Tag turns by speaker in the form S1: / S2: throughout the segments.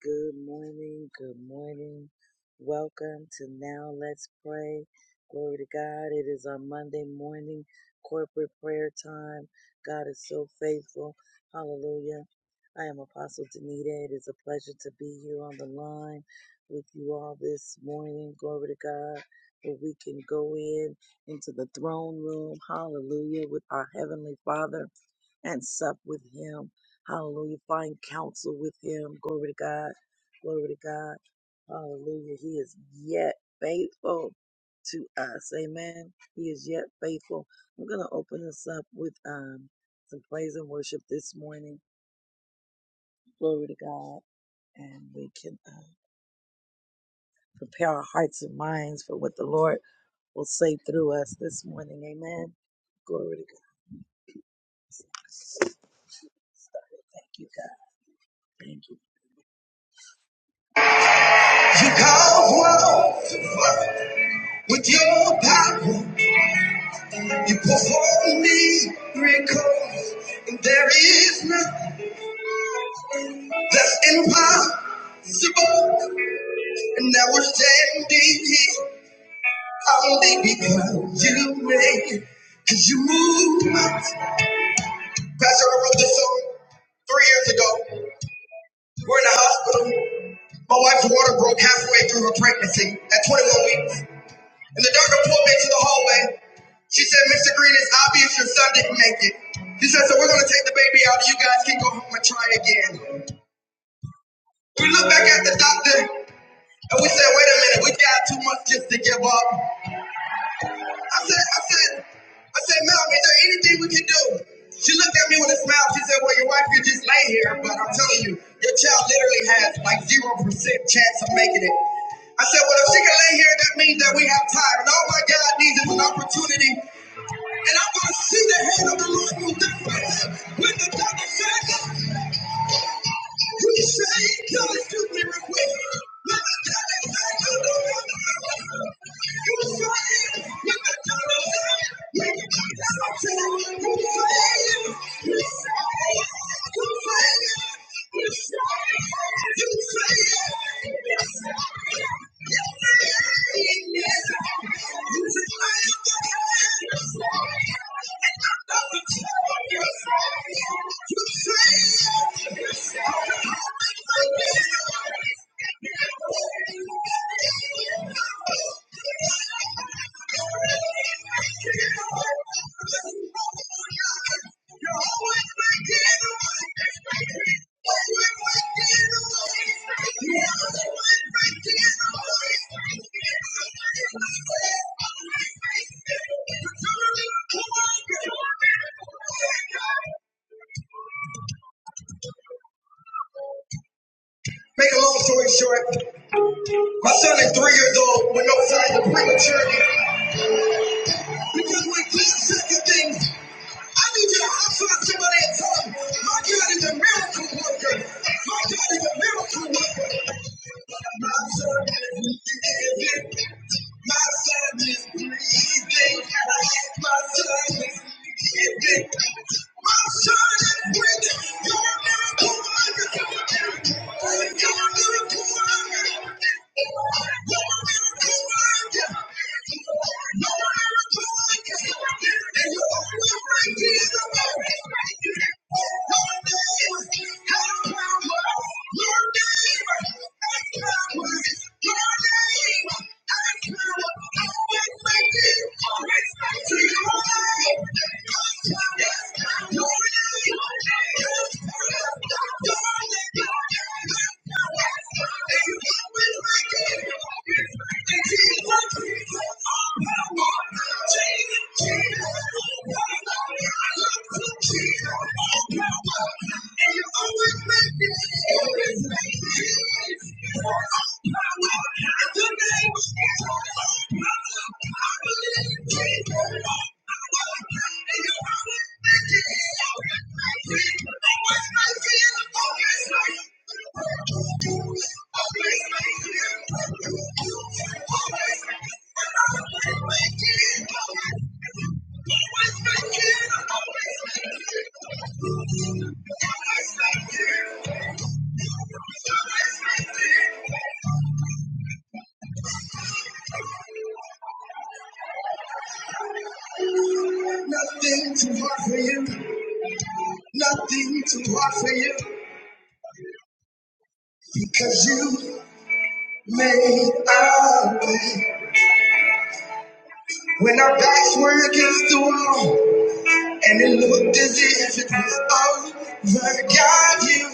S1: Good morning. Good morning. Welcome to Now Let's Pray. Glory to God. It is our Monday morning corporate prayer time. God is so faithful. Hallelujah. I am Apostle Danita. It is a pleasure to be here on the line with you all this morning. Glory to God. Where we can go in into the throne room. Hallelujah. With our Heavenly Father and sup with Him. Hallelujah. Find counsel with him. Glory to God. Glory to God. Hallelujah. He is yet faithful to us. Amen. He is yet faithful. I'm going to open this up with um, some praise and worship this morning. Glory to God. And we can uh, prepare our hearts and minds for what the Lord will say through us this morning. Amen. Glory to God. Thank you, God. Thank you. You call forth with your power. You perform miracles, and there is nothing that's impossible. And now we're standing here only because you make it, because you moved mountains. Pastor, I wrote this song three years ago. We're in the hospital. My wife's water broke halfway through her pregnancy at 21 weeks. And the doctor pulled me into the hallway. She said, Mr. Green, it's obvious your son didn't make it. She said, so we're going to take the baby out. You guys can go home and try again. We looked back at the doctor and we said, wait a minute, we got too much just to give up. I said, I said, I said, Mel, is there anything we can do? She looked at me with a smile. She said, Well, your wife could just lay here, but I'm telling you, your child literally has like zero percent chance of making it. I said, Well, if she can lay here, that means that we have time. And all my God needs is an opportunity. And I'm gonna see the hand of the Lord move down my way. When the devil he said, "Come excuse me real quick." When the devil said, "You know you're say you say, Make a long story short, My son is three years old with no signs of prematurity. Because when God said this thing, I need you to high five somebody and tell them, my God is a miracle worker. My God is a miracle worker. My son is living. My son is breathing. My son is living. My son is breathing. You're a miracle worker. You're a miracle Thank you. Thank you. Nothing too hard for you. Nothing too hard for you. Because you made our way when our backs were against the wall, and it looked as if it was over. God, you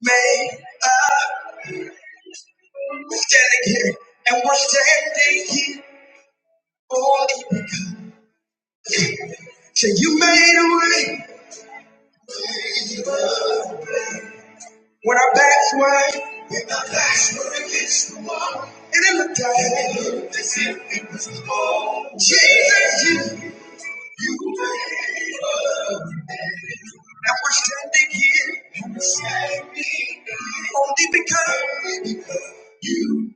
S1: made us. We're standing here, and we're standing here only because so you made a way when our backs were when our backs were against the wall, and it looked, and it looked as if it was over. Jesus, you you made a way. And we're standing here And we're standing here only because you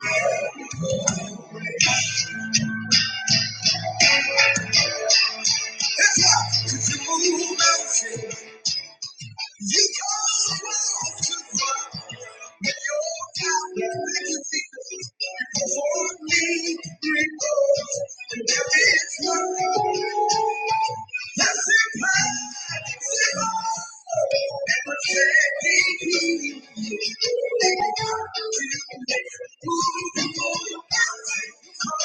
S1: have to do that. You can't walk too far. When you're down, when you feel before me, three doors, and there is one That's it, man. Never can be me. They got to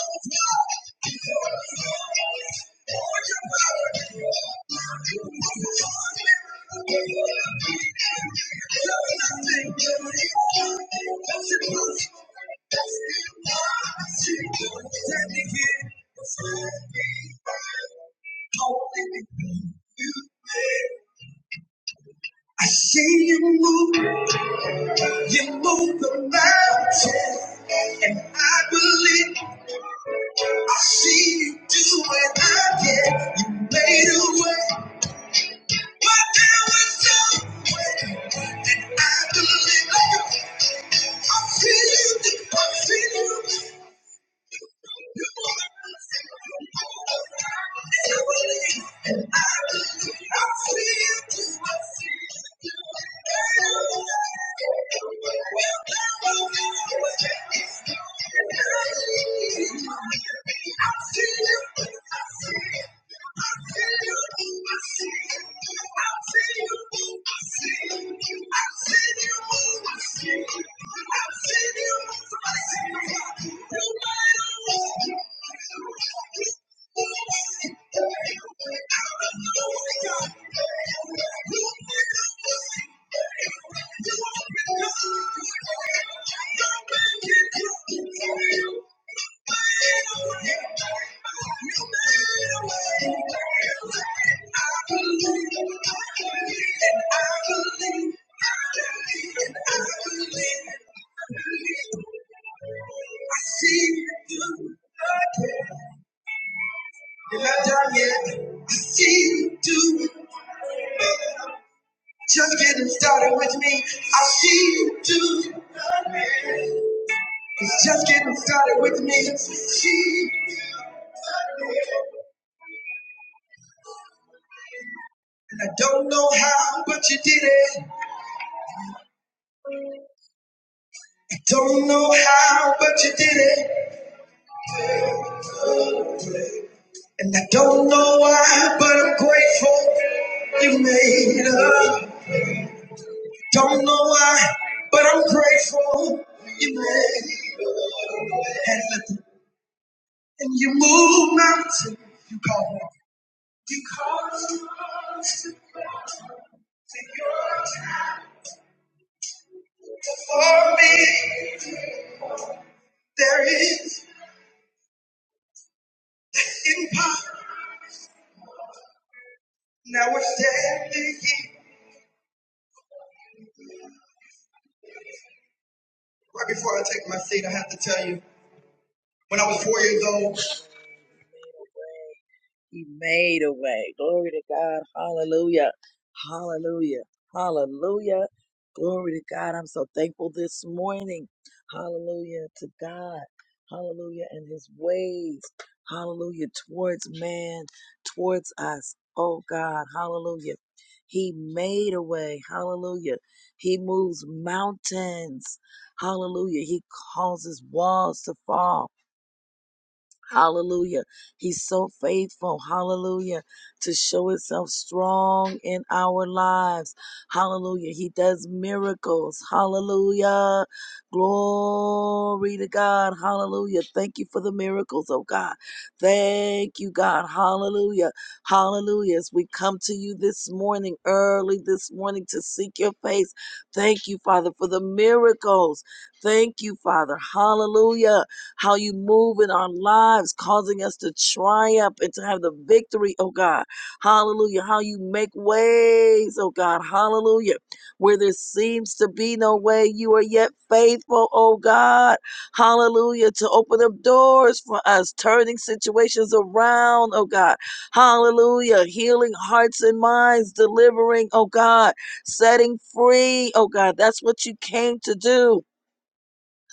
S1: I see you move, you move the mountain, and I believe. See you do it again. You made a way. But there was no way. And I believe. I feel you. I feel you. I see you. I see you. you you I I see you. I've seen you move. I've seen you. I've seen you move. I've seen you. I've seen you move. I've seen you. You made a move. You made a move. You made a move. You made a move. Just getting started with me. I see you do. It's just getting started with me. She, and I don't know how, but you did it. I don't know how, but you did it. And I don't know why, but I'm grateful you made up. Don't know why, but I'm grateful you made up. And, let- and you move mountains. You call me. You call for me. There is impossible. Now we're standing here. Right before I take my seat, I have to tell you, when I was four years old, he made a way. Glory to God. Hallelujah. Hallelujah. Hallelujah. Glory to God. I'm so thankful this morning. Hallelujah to God. Hallelujah and his ways. Hallelujah towards man, towards us. Oh God. Hallelujah. He made a way. Hallelujah. He moves mountains. Hallelujah. He causes walls to fall. Hallelujah. He's so faithful. Hallelujah. To show himself strong in our lives. Hallelujah. He does miracles. Hallelujah. Glory to God. Hallelujah. Thank you for the miracles, oh God. Thank you, God. Hallelujah. Hallelujah. As we come to you this morning, early this morning to seek your face, thank you, Father, for the miracles. Thank you, Father. Hallelujah how you move in our lives, causing us to triumph and to have the victory, oh God. Hallelujah. How you make ways, oh God. Hallelujah. Where there seems to be no way, you are yet faithful, oh God. Hallelujah. To open up doors for us, turning situations around, oh God. Hallelujah. Healing hearts and minds, delivering, oh God, setting free, oh God. That's what you came to do.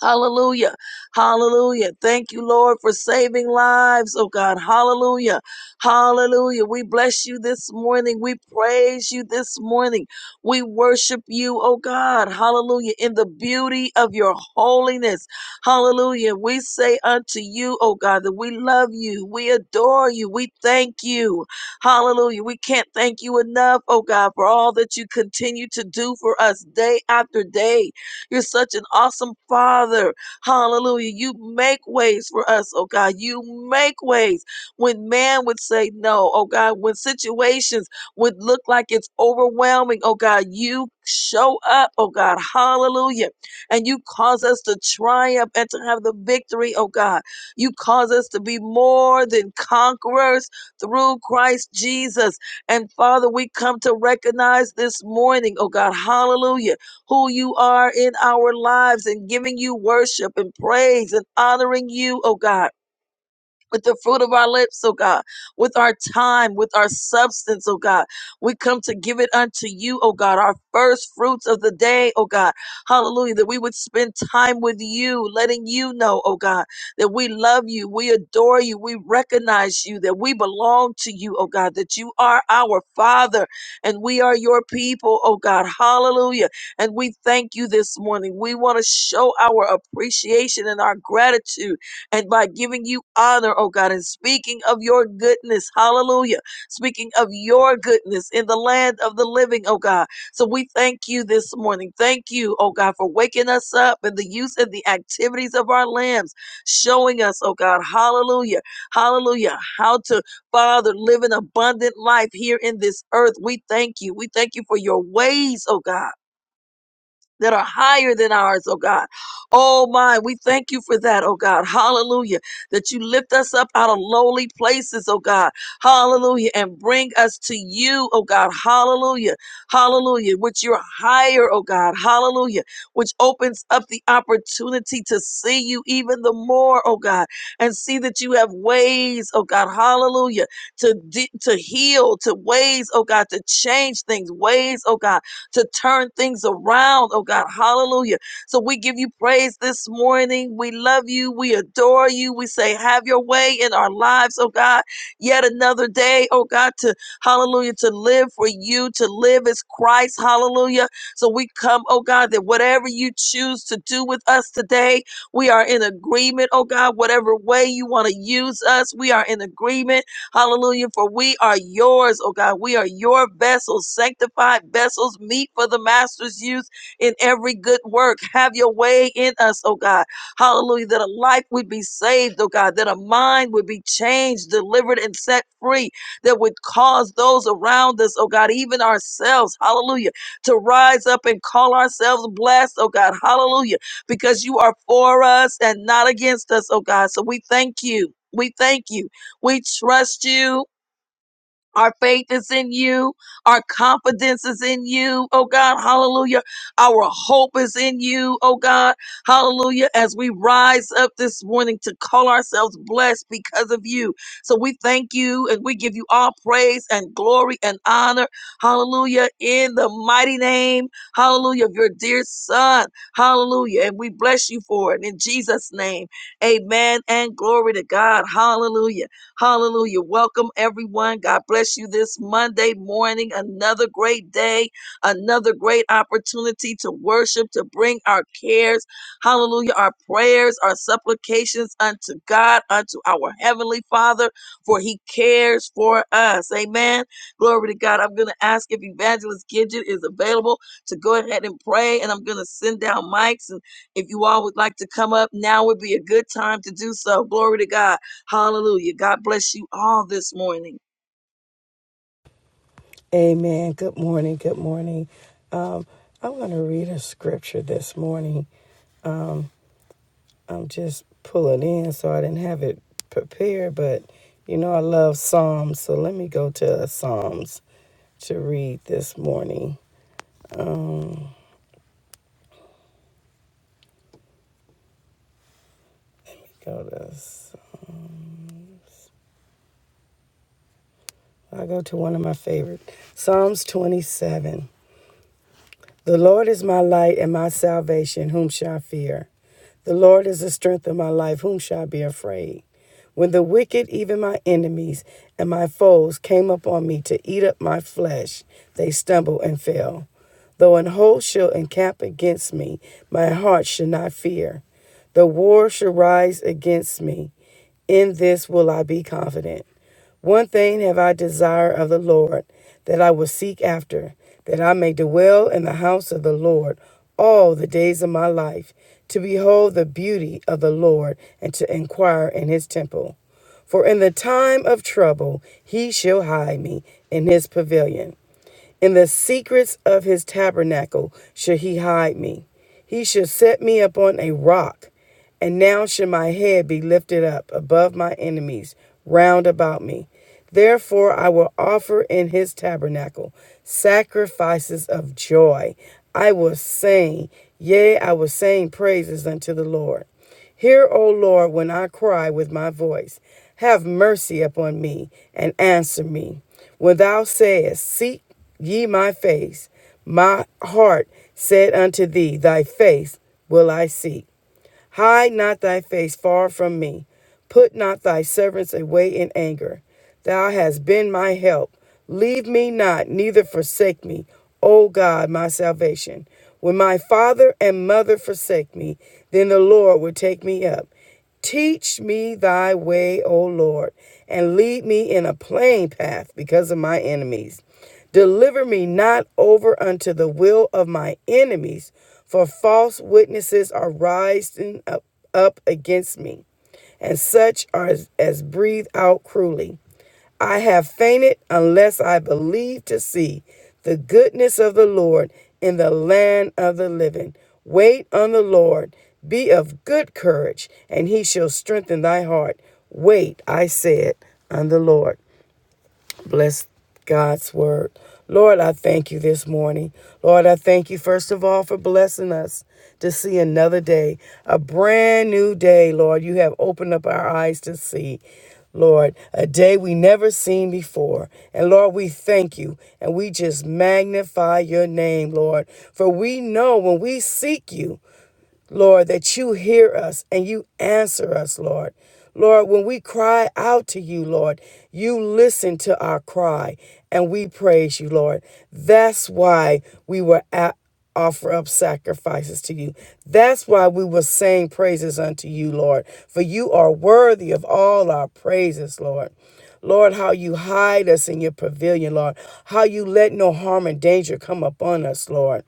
S1: Hallelujah. Hallelujah. Thank you, Lord, for saving lives. Oh God. Hallelujah. Hallelujah. We bless you this morning. We praise you this morning. We worship you, oh God. Hallelujah. In the beauty of your holiness. Hallelujah. We say unto you, oh God, that we love you. We adore you. We thank you. Hallelujah. We can't thank you enough, oh God, for all that you continue to do for us day after day. You're such an awesome father. Hallelujah. You make ways for us, oh God. You make ways when man would say no, oh God, when situations would look like it's overwhelming, oh God, you show up, oh God. Hallelujah. And you cause us to triumph and to have the victory, oh God. You cause us to be more than conquerors through Christ Jesus. And Father, we come to recognize this morning, oh God, hallelujah who you are in our lives and giving you worship and praise and honoring you, oh God with the fruit of our lips, oh God, with our time, with our substance, oh God. We come to give it unto you, oh God, our first fruits of the day, oh God. Hallelujah. That we would spend time with you, letting you know, oh God, that we love you, we adore you, we recognize you, that we belong to you, oh God, that you are our Father and we are your people, oh God. Hallelujah. And we thank you this morning. We want to show our appreciation and our gratitude and by giving you honor, oh God, and speaking of your goodness. Hallelujah. Speaking of your goodness in the land of the living, oh God. So we thank you this morning. Thank you, oh God, for waking us up and the use and the activities of our limbs, showing us, oh God, hallelujah, hallelujah, how to, Father, live an abundant life here in this earth. We thank you. We thank you for your ways, oh God that are higher than ours, oh God. Oh my, we thank you for that, oh God. Hallelujah. That you lift us up out of lowly places, oh God. Hallelujah. And bring us to you, oh God. Hallelujah. Hallelujah. Which you're higher, oh God. Hallelujah. Which opens up the opportunity to see you even the more, oh God. And see that you have ways, oh God. Hallelujah. To, de- to heal, to ways, oh God, to change things, ways, oh God to turn things around, oh God. Hallelujah. So we give you praise this morning. We love you. We adore you. We say, have your way in our lives, oh God. Yet another day, oh God, to hallelujah, to live for you, to live as Christ, hallelujah. So we come, oh God, that whatever you choose to do with us today, we are in agreement, oh God, whatever way you want to use us, we are in agreement Hallelujah. For we are yours, oh God. We are your vessels, sanctified vessels, meet for the master's use in every good work. Have your way in us, oh God. Hallelujah. That a life would be saved, oh God. That a mind would be changed, delivered, and set free. That would cause those around us, oh God, even ourselves, hallelujah, to rise up and call ourselves blessed, oh God. Hallelujah. Because you are for us and not against us, oh God. So we thank you. We thank you. We trust you. Our faith is in you. Our confidence is in you. Oh God, hallelujah. Our hope is in you. Oh God, hallelujah. As we rise up this morning to call ourselves blessed because of you. So we thank you and we give you all praise and glory and honor. Hallelujah. In the mighty name, hallelujah, of your dear son. Hallelujah. And we bless you for it in Jesus' name. Amen and glory to God. Hallelujah. Hallelujah. Welcome, everyone. God bless you this Monday morning. Another great day, another great opportunity to worship, to bring our cares, hallelujah, our prayers, our supplications unto God, unto our Heavenly Father, for He cares for us. Amen. Glory to God. I'm going to ask if Evangelist Gidget is available to go ahead and pray, and I'm going to send down mics. And if you all would like to come up, now would be a good time to do so. Glory to God. Hallelujah. God bless you all this morning.
S2: Amen. Good morning. Good morning. Um, I'm going to read a scripture this morning. Um, I'm just pulling in, so I didn't have it prepared, but you know, I love Psalms, so let me go to Psalms to read this morning. Let me go to, I go to one of my favorite Psalms 27. The Lord is my light and my salvation, whom shall I fear? The Lord is the strength of my life, whom shall I be afraid? When the wicked, even my enemies and my foes, came upon me to eat up my flesh, they stumbled and fell. Though an host shall encamp against me, my heart shall not fear. The war shall rise against me. In this will I be confident. One thing have I desire of the Lord, that I will seek after, that I may dwell in the house of the Lord all the days of my life, to behold the beauty of the Lord, and to inquire in his temple. For in the time of trouble he shall hide me in his pavilion. In the secrets of his tabernacle shall he hide me. He shall set me upon a rock, and now shall my head be lifted up above my enemies round about me. Therefore I will offer in his tabernacle sacrifices of joy. I will sing, yea, I will sing praises unto the Lord. Hear, O Lord, when I cry with my voice. Have mercy upon me and answer me. When thou sayest, Seek ye my face, my heart said unto thee, Thy face will I seek. Hide not thy face far from me. Put not thy servants away in anger. Thou hast been my help. Leave me not, neither forsake me, O God, my salvation. When my father and mother forsake me, then the Lord will take me up. Teach me thy way, O Lord, and lead me in a plain path because of my enemies. Deliver me not over unto the will of my enemies, for false witnesses are rising up, up against me, and such are as, as breathe out cruelly. I have fainted unless I believe to see the goodness of the Lord in the land of the living. Wait on the Lord, be of good courage, and he shall strengthen thy heart. Wait, I said, on the Lord bless God's word. Lord, I thank you this morning. Lord, I thank you, first of all, for blessing us to see another day, a brand new day, Lord. You have opened up our eyes to see. Lord, a day we never seen before. And Lord, we thank you and we just magnify your name, Lord. For we know when we seek you, Lord, that you hear us and you answer us, Lord. Lord, when we cry out to you, Lord, you listen to our cry and we praise you, Lord. That's why we were at offer up sacrifices to you. That's why we will sing praises unto you, Lord, for you are worthy of all our praises, Lord. Lord, how you hide us in your pavilion, Lord. How you let no harm and danger come upon us, Lord.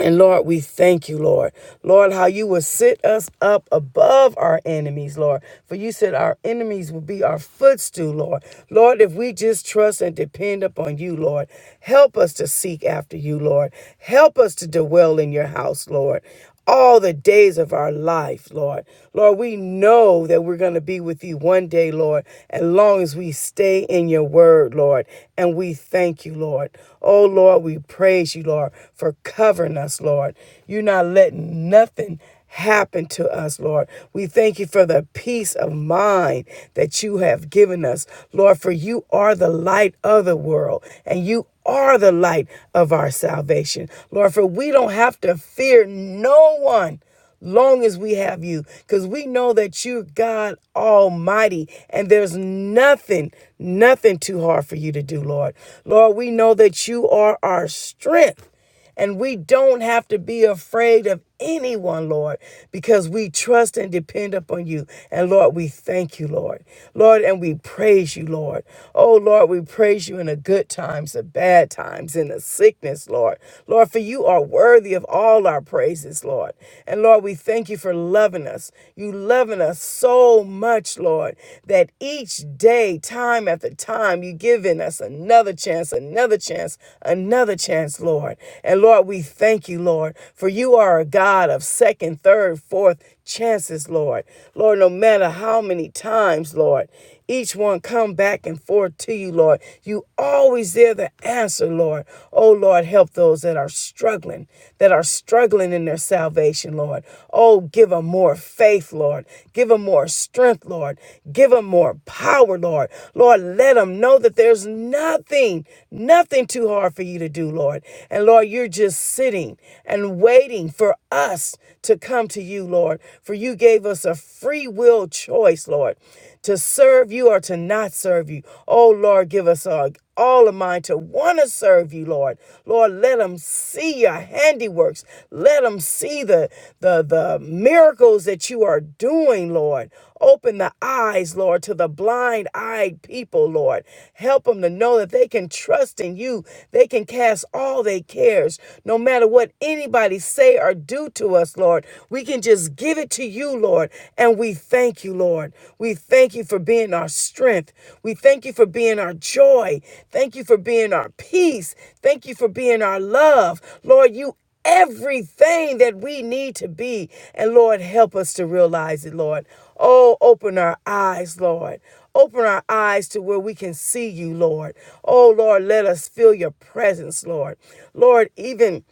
S2: And Lord, we thank you, Lord. Lord, how you will sit us up above our enemies, Lord. For you said our enemies will be our footstool, Lord. Lord, if we just trust and depend upon you, Lord, help us to seek after you, Lord. Help us to dwell in your house, Lord all the days of our life, Lord. Lord, we know that we're going to be with you one day, Lord, as long as we stay in your word, Lord. And we thank you, Lord. Oh, Lord, we praise you, Lord, for covering us, Lord. You're not letting nothing happen to us, Lord. We thank you for the peace of mind that you have given us, Lord, for you are the light of the world and you are the light of our salvation. Lord, for we don't have to fear no one long as we have you because we know that you're God Almighty and there's nothing, nothing too hard for you to do, Lord. Lord, we know that you are our strength and we don't have to be afraid of anyone, Lord, because we trust and depend upon you. And Lord, we thank you, Lord. Lord, and we praise you, Lord. Oh, Lord, we praise you in the good times, the bad times, in the sickness, Lord. Lord, for you are worthy of all our praises, Lord. And Lord, we thank you for loving us. You loving us so much, Lord, that each day, day, time after time. You've given us another chance, another chance, another chance, Lord. And Lord, we thank you, Lord, for you are a God of second, third, fourth chances, Lord. Lord, no matter how many times, Lord, each one come back and forth to you, Lord. You always there the answer, Lord. Oh, Lord, help those that are struggling, that are struggling in their salvation, Lord. Oh, give them more faith, Lord. Give them more strength, Lord. Give them more power, Lord. Lord, let them know that there's nothing, nothing too hard for you to do, Lord. And Lord, you're just sitting and waiting for us to come to you, Lord. For you gave us a free will choice, Lord, to serve you or to not serve you. Oh, Lord, give us a, all of mine to want to serve you, Lord. Lord, let them see your handiworks. Let them see the, the, the miracles that you are doing, Lord. Open the eyes, Lord, to the blind eyed people, Lord. Help them to know that they can trust in you. They can cast all their cares, no matter what anybody say or do to us, Lord. We can just give it to you, Lord, and we we thank you, Lord. We thank you for being our strength. We thank you for being our joy. Thank you for being our peace. Thank you for being our love. Lord, you everything that we need to be. And Lord, help us to realize it, Lord. Oh, open our eyes, Lord. Open our eyes to where we can see you, Lord. Oh, Lord, let us feel your presence, Lord. Lord, even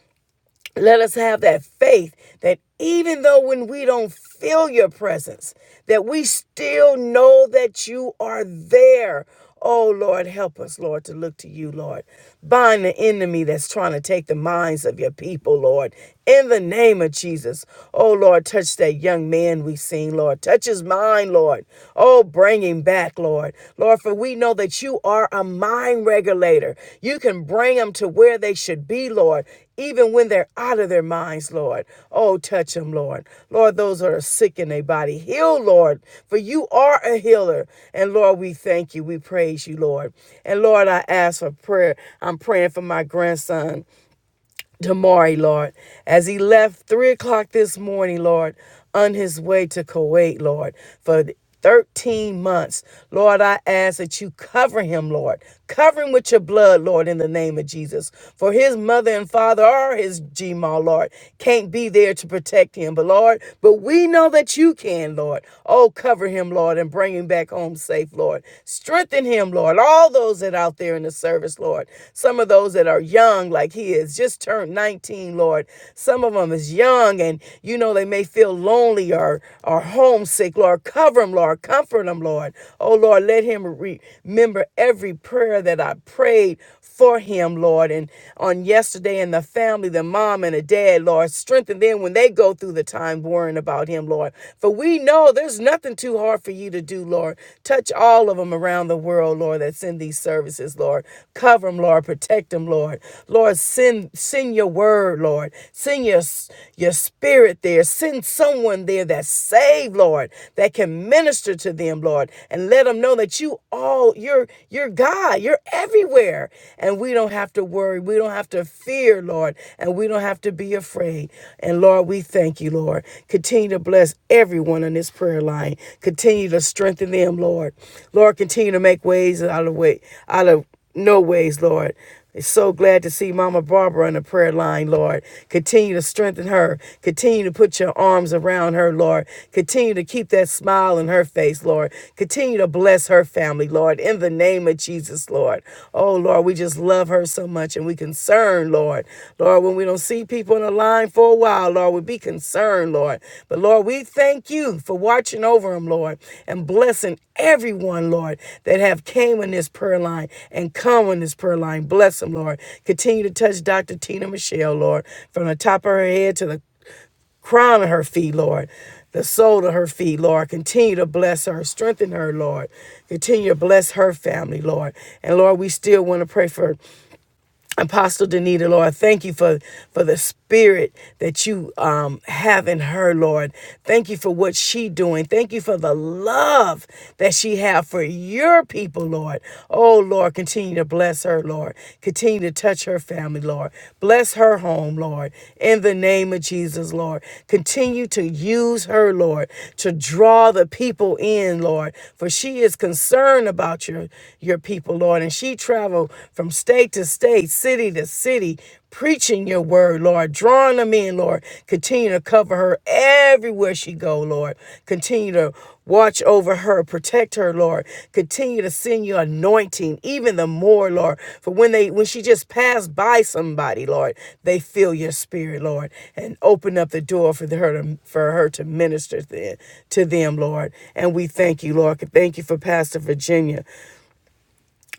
S2: let us have that faith that even though when we don't feel your presence that we still know that you are there oh lord help us lord to look to you lord bind the enemy that's trying to take the minds of your people lord in the name of jesus oh lord touch that young man we seen lord touch his mind lord oh Bring him back, Lord. Lord, for we know that you are a mind regulator. You can bring them to where they should be, Lord, even when they're out of their minds, Lord. Oh, touch them, Lord. Lord, those that are sick in their body, heal, Lord, for you are a healer. And Lord, we thank you. We praise you, Lord. And Lord, I ask for prayer. I'm praying for my grandson. Damari, Lord, as he left three o'clock this morning, Lord, on his way to Kuwait, Lord, for 13 months. Lord, I ask that you cover him, Lord. Cover him with your blood, Lord, in the name of Jesus. For his mother and father or his Gmail, Lord, can't be there to protect him. But Lord, but we know that you can, Lord. Oh, cover him, Lord, and bring him back home safe, Lord. Strengthen strengthen him, Lord. All those that are out there in the service, Lord. Some of those that are young, like he is, just turned 19, Lord. Some of them is young and, you know, they may feel lonely or, or homesick, Lord. Cover them, Lord. Comfort them, Lord. Oh, Lord, let him re- remember every prayer that I prayed for him, Lord. And on yesterday, and the family, the mom and the dad, Lord, strengthen them when they go through the time warring worrying about him, Lord. For we know there's nothing too hard for you to do, Lord. Touch all of them around the world, Lord, that's in these services, Lord. Cover them, Lord. Protect them, Lord. Lord, send send your word, Lord. Send your your spirit there. Send someone there that's saved, Lord, that can minister to them, Lord, and let them know that you all you're you're God. You're everywhere, and we don't have to worry worry. We don't have to fear, Lord, and we don't have to be afraid. And Lord, we thank you, Lord. Continue to bless everyone on this prayer line. Continue to strengthen them, Lord. Lord, continue to make ways out of way, out of no ways, Lord. It's so glad to see Mama Barbara on the prayer line, Lord. Continue to strengthen her. Continue to put your arms around her, Lord. Continue to keep that smile in her face, Lord. Continue Continue to bless her family, Lord, in the name of Jesus, Lord. Oh, Lord, we just love her so much and we concern, Lord. Lord, when we don't see people in the line for a while, Lord, we be concerned, Lord. But, Lord, we thank you for watching over them, Lord, and blessing everyone, Lord, that have came in this prayer line and come on this prayer line. Bless them, Lord. Continue to touch Dr. Tina Michelle, Lord, from the top of her head to the crown of her feet, Lord, the sole of her feet, Lord. Continue to bless her, strengthen her, Lord. Continue to bless her family, Lord. And Lord, we still want to pray for Apostle Danita, Lord, thank you for, for the spirit that you um, have in her, Lord. Thank you for what she doing. Thank you for the love that she have for your people, Lord. Oh, Lord, continue to bless her, Lord. Continue to touch her family, Lord. Bless her home, Lord. In the name of Jesus, Lord. Continue to use her, Lord, to draw the people in, Lord. For she is concerned about your, your people, Lord. And she trusts travel from state to state, city to city, preaching your word, Lord, drawing them in, Lord. Continue to cover her everywhere she go, Lord. Continue to watch over her, protect her, Lord. Continue to send your anointing even the more, Lord. For when they when she just passed by somebody, Lord, they feel your spirit, Lord, and open up the door for her to for her to minister then to them, Lord. And we thank you, Lord. Thank you for Pastor Virginia.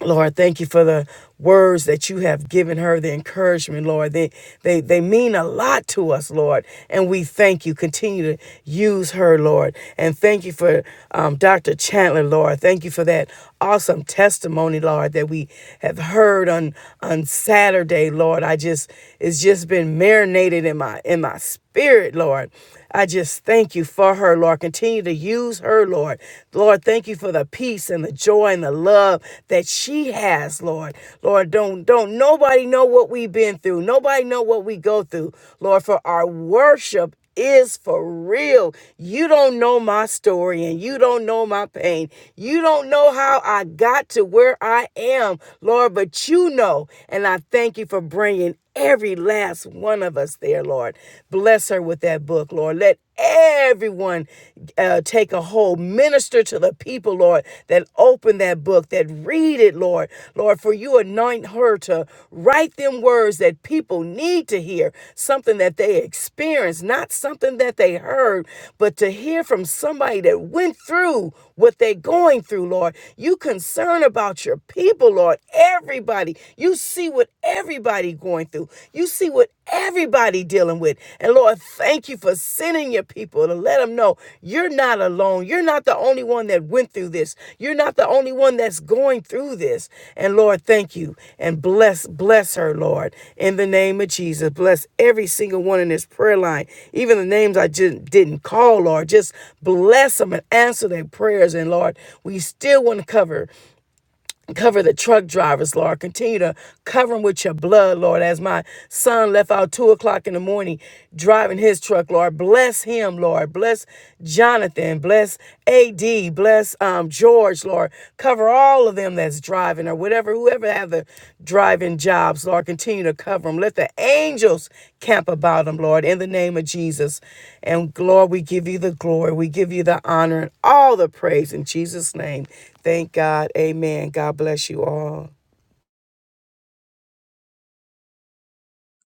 S2: Lord, thank you for the words that you have given her, the encouragement, Lord. They, they, they mean a lot to us, Lord. And we thank you. Continue to use her, Lord. And thank you for um, Dr. Chandler, Lord. Thank you for that awesome testimony, Lord, that we have heard on, on Saturday, Lord. I just, it's just been marinated in my, in my spirit, Lord. I just thank you for her, Lord. Continue to use her, Lord. Lord, thank you for the peace and the joy and the love that she has, Lord. Lord, don't don't nobody know what we've been through. Nobody know what we go through. Lord, for our worship is for real. You don't know my story and you don't know my pain. You don't know how I got to where I am, Lord, but you know. And I thank you for bringing every last one of us there, Lord. Bless her with that book, Lord. Let everyone uh, take a hold, minister to the people, Lord, that open that book, that read it, Lord. Lord, for you anoint her to write them words that people need to hear, something that they experienced, not something that they heard, but to hear from somebody that went through what they're going through, Lord. You concern about your people, Lord. Everybody everybody. You see what everybody going through. You see what everybody dealing with. And Lord, thank you for sending your people to let them know you're not alone. You're not the only one that went through this. You're not the only one that's going through this. And Lord, thank you. And bless, bless her, Lord, in the name of Jesus. Bless every single one in this prayer line, even the names I just didn't call, Lord. Just bless them and answer their prayers. And Lord, we still want to cover. Cover the truck drivers, Lord. Continue to cover them with your blood, Lord. As my son left out two o'clock in the morning driving his truck, Lord. Bless him, Lord. Bless Jonathan. Bless AD. Bless um, George, Lord. Cover all of them that's driving or husband or whatever, whoever have the driving jobs, Lord, continue to cover them. Let the angels camp about them, Lord, in the name of Jesus. And Lord, we give you the glory. We give you the honor and all the praise in Jesus' name. Thank God. Amen. God bless you all.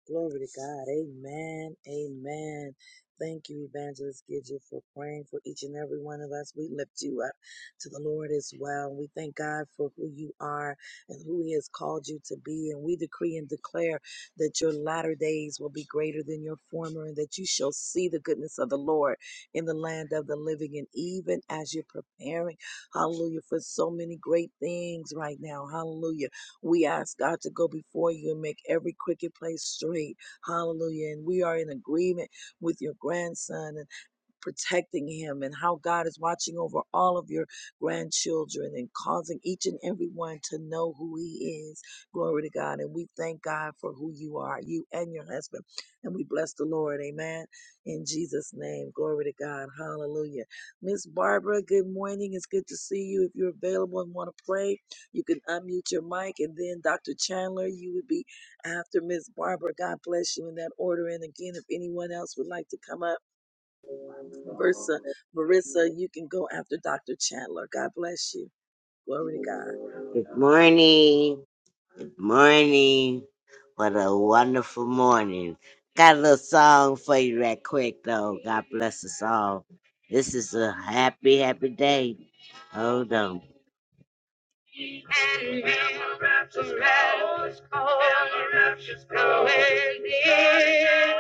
S1: Glory to God. Amen. Amen. Thank you, Evangelist Gidget, for praying for each and every one of us. We lift you up to the Lord as well. We thank God for who you are and who He has called you to be. And we decree and declare that your latter days will be greater than your former and that you shall see the goodness of the Lord in the land of the living. And even as you're preparing, hallelujah, for so many great things right now, hallelujah We ask God to go before you and make every crooked place straight. Hallelujah. And we are in agreement with your grandson. and protecting him and how God is watching over all of your grandchildren and causing each and every one to know who he is. Glory to God. And we thank God for who you are, you and your husband. And we bless the Lord. Amen. In Jesus' name. Glory to God. Hallelujah. Miss Barbara, good morning. It's good to see you. If you're available and want to pray, you can unmute your mic. And then Dr. Chandler, you would be after Miss Barbara. God bless you in that order. And again, if anyone else would like to come up, Versa, Marissa, you can go after Dr. Chandler. God bless you. Glory to God.
S3: Good morning. Good morning. What a wonderful morning. Got a little song for you right quick though. God bless us all. This is a happy, happy day. Hold on and when the rapture's rapture's and the rapture's call, going in.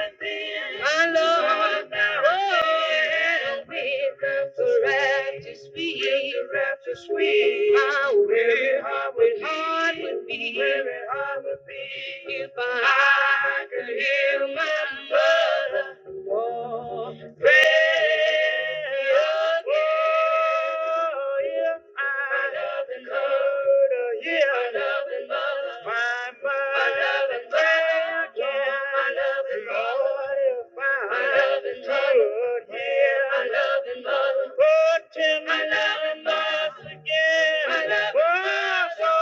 S3: My Lord, oh, and with the rapture's sweet, the rapture's sweet, my weary heart would be, weary heart would be, if I could hear my mother. Lord, if I could. Yeah, Oh, oh, so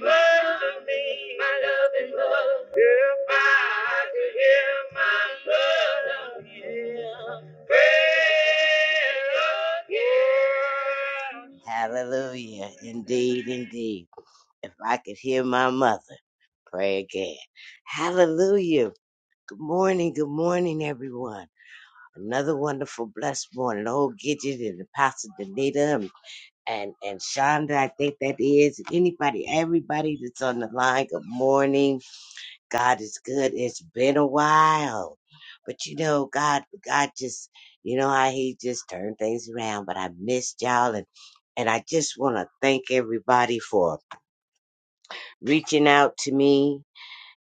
S3: so yeah. Hallelujah. Indeed, indeed. If I could hear my mother pray again. Hallelujah. Good morning. Good morning, everyone. Another wonderful, blessed morning. Old Gidget and Apostle Danita and, and, and Shonda, I think that is. Anybody, everybody that's on the line, good morning. God is good. It's been a while. But you know, God, God just, you know how he just turned things around, but I missed y'all and, and I just want to thank everybody for reaching out to me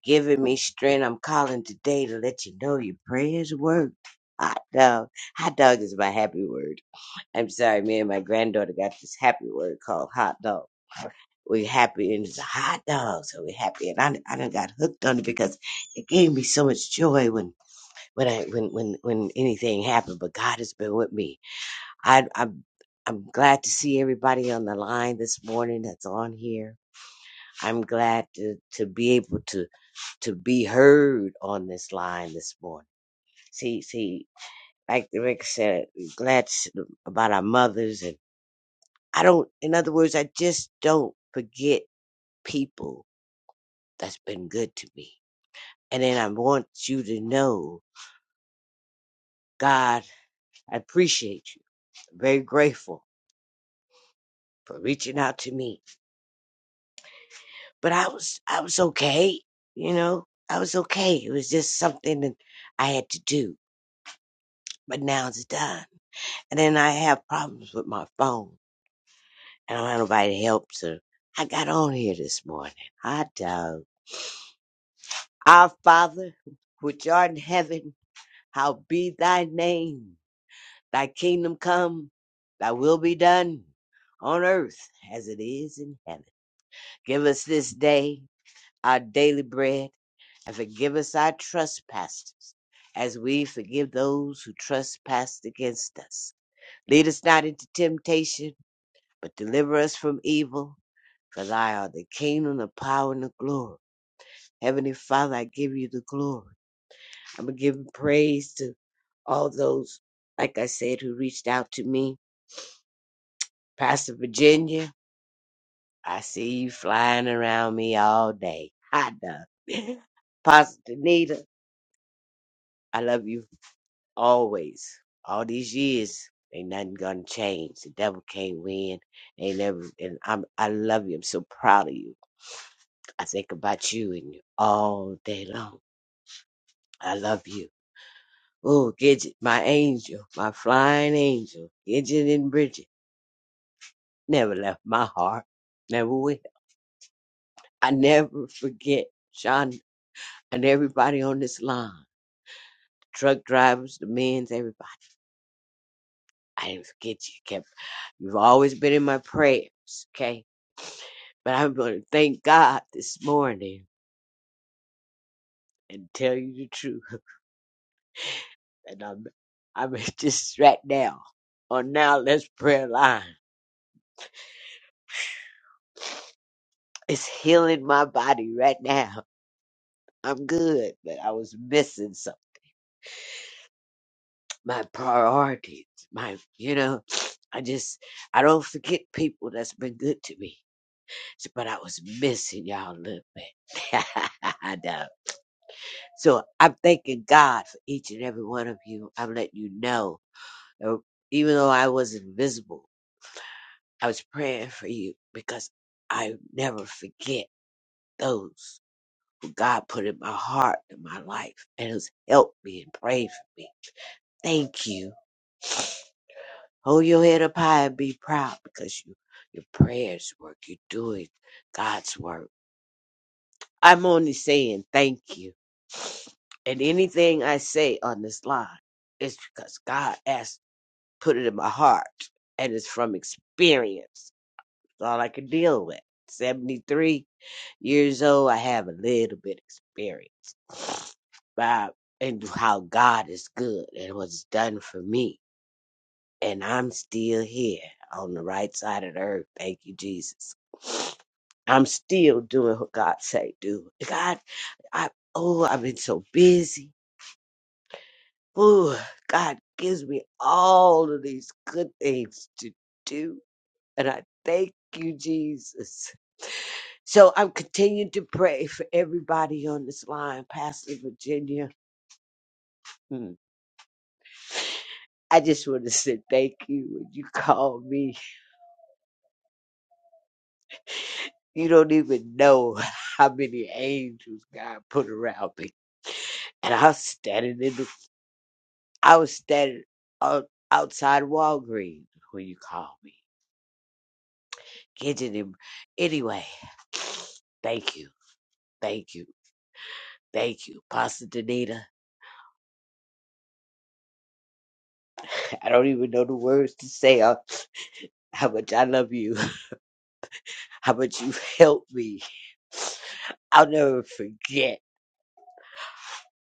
S3: giving me strength. I'm calling today to let you know your prayers worked. Hot dog. Hot dog is my happy word. I'm sorry, me and my granddaughter got this happy word called hot dog. We're happy and it's a hot dog, so we're happy. And I, I done got hooked on it because it gave me so much joy when when I when when when anything happened. But God has been with me. I I'm I'm glad to see everybody on the line this morning that's on here. I'm glad to to be able to to be heard on this line this morning. See, see, like Rick said, glad about our mothers, and I don't. In other words, I just don't forget people that's been good to me. And then I want you to know, God, I appreciate you. I'm very grateful for reaching out to me. But I was, I was okay. You know, I was okay. It was just something that I had to do. But now it's done. And then I have problems with my phone I don't have nobody to help, so I got on here this morning. I dog. Our Father, which art in heaven, hallowed be thy name. Thy kingdom come, thy will be done on earth as it is in heaven. Give us this day our daily bread and forgive us our trespasses as we forgive those who trespass against us. Lead us not into temptation, but deliver us from evil. For thy art the kingdom, the power, and the glory. Heavenly Father, I give you the glory. I'm giving praise to all those, like I said, who reached out to me. Pastor Virginia, I see you flying around me all day. Hot dog. Pastor Danita, I love you always. All these years, ain't nothing gonna change. The devil can't win. Ain't never, and I'm, I love you. I'm so proud of you. I think about you and you all day long. I love you. Oh, Gidget, my angel, my flying angel, Gidget and Bridget never left my heart. Never will. I never forget Sean and everybody on this line. Truck drivers, the men's, everybody. I didn't forget you, Kept You've always been in my prayers, okay? But I'm going to thank God this morning and tell you the truth. And I'm, I'm just right now on Now Let's Prayer Line. It's healing my body right now I'm good, but I was missing some my priorities. My, you know, I just I don't forget people that's been good to me, S- but I was missing y'all a little bit. I know. So I'm thanking God for each and every one of you. I'm letting you know, uh, even though I wasn't visible, I was praying for you because I never forget those who God put in my heart and my life and who's helped me and prayed for me. Thank you Hold your head up high and be proud because you, your prayers work. You're doing God's work. I'm only saying thank you. And anything I say on this line is because God asked, put it in my heart, and it's from experience. It's all I can deal with. 73 years old, I have a little bit of experience. But, I- and how God is good and what's done for me and I'm still here on the right side of the earth. Thank you, Jesus. I'm still doing what God say do. God, I oh, I've been so busy. Ooh, God gives me all of these good things to do, and I thank you, Jesus. So I'm continuing to pray for everybody on this line, Pastor Virginia. Hmm. I just want to say thank you when you called me You don't even know how many angels God put around me. And I was standing in the, I was standing out, outside Walgreens when you called me. Getting him. Anyway, thank you, thank you, thank you, Pastor Danita. I don't even know the words to say uh, how much I love you, how much you've helped me. I'll never forget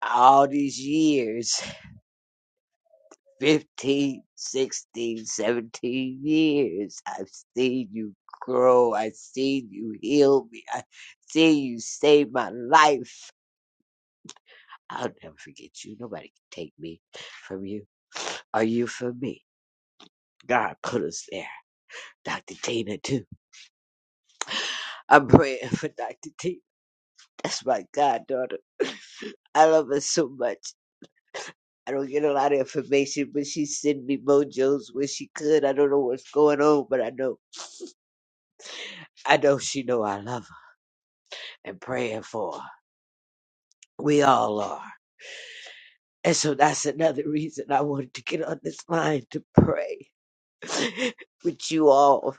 S3: all these years Fifteen, sixteen, seventeen years. I've seen you grow. I've seen you heal me. I've seen you save my life. I'll never forget you. Nobody can take me from you or you from me. God put us there. Dr. Tina, too. I'm praying for Dr. Tina. That's my goddaughter. I love her so much. I don't get a lot of information, but she sent me mojos when she could. I don't know what's going on, but I know. I know she know I love her. and praying for. We all are. And so that's another reason I wanted to get on this line to pray with you all.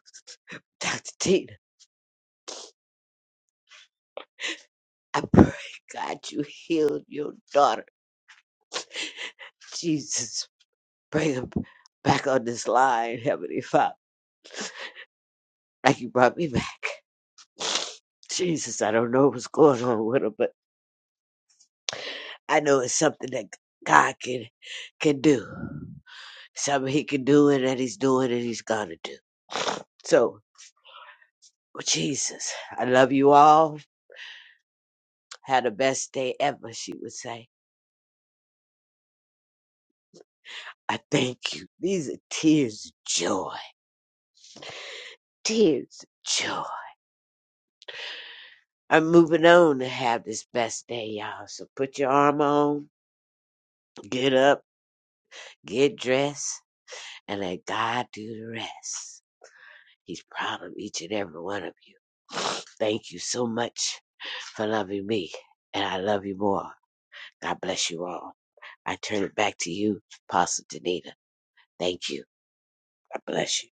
S3: Dr. Tina, I pray, God, you healed your daughter. Jesus, bring her back on this line, Heavenly Father, like you brought me back. Jesus, I don't know what's going on with her, but I know it's something that God can can do. Something he can do and that he's doing and he's gonna do. So Well, Jesus, I love you all. Had the best day ever, she would say. I thank you. These are tears of joy. Tears of joy. I'm moving on to have this best day, y'all. So put your arm on, get up, get dressed, and let God do the rest. He's proud of each and every one of you. Thank you so much for loving me, and I love you more. God bless you all. I turn it back to you, Pastor Danita. Thank you. God bless you.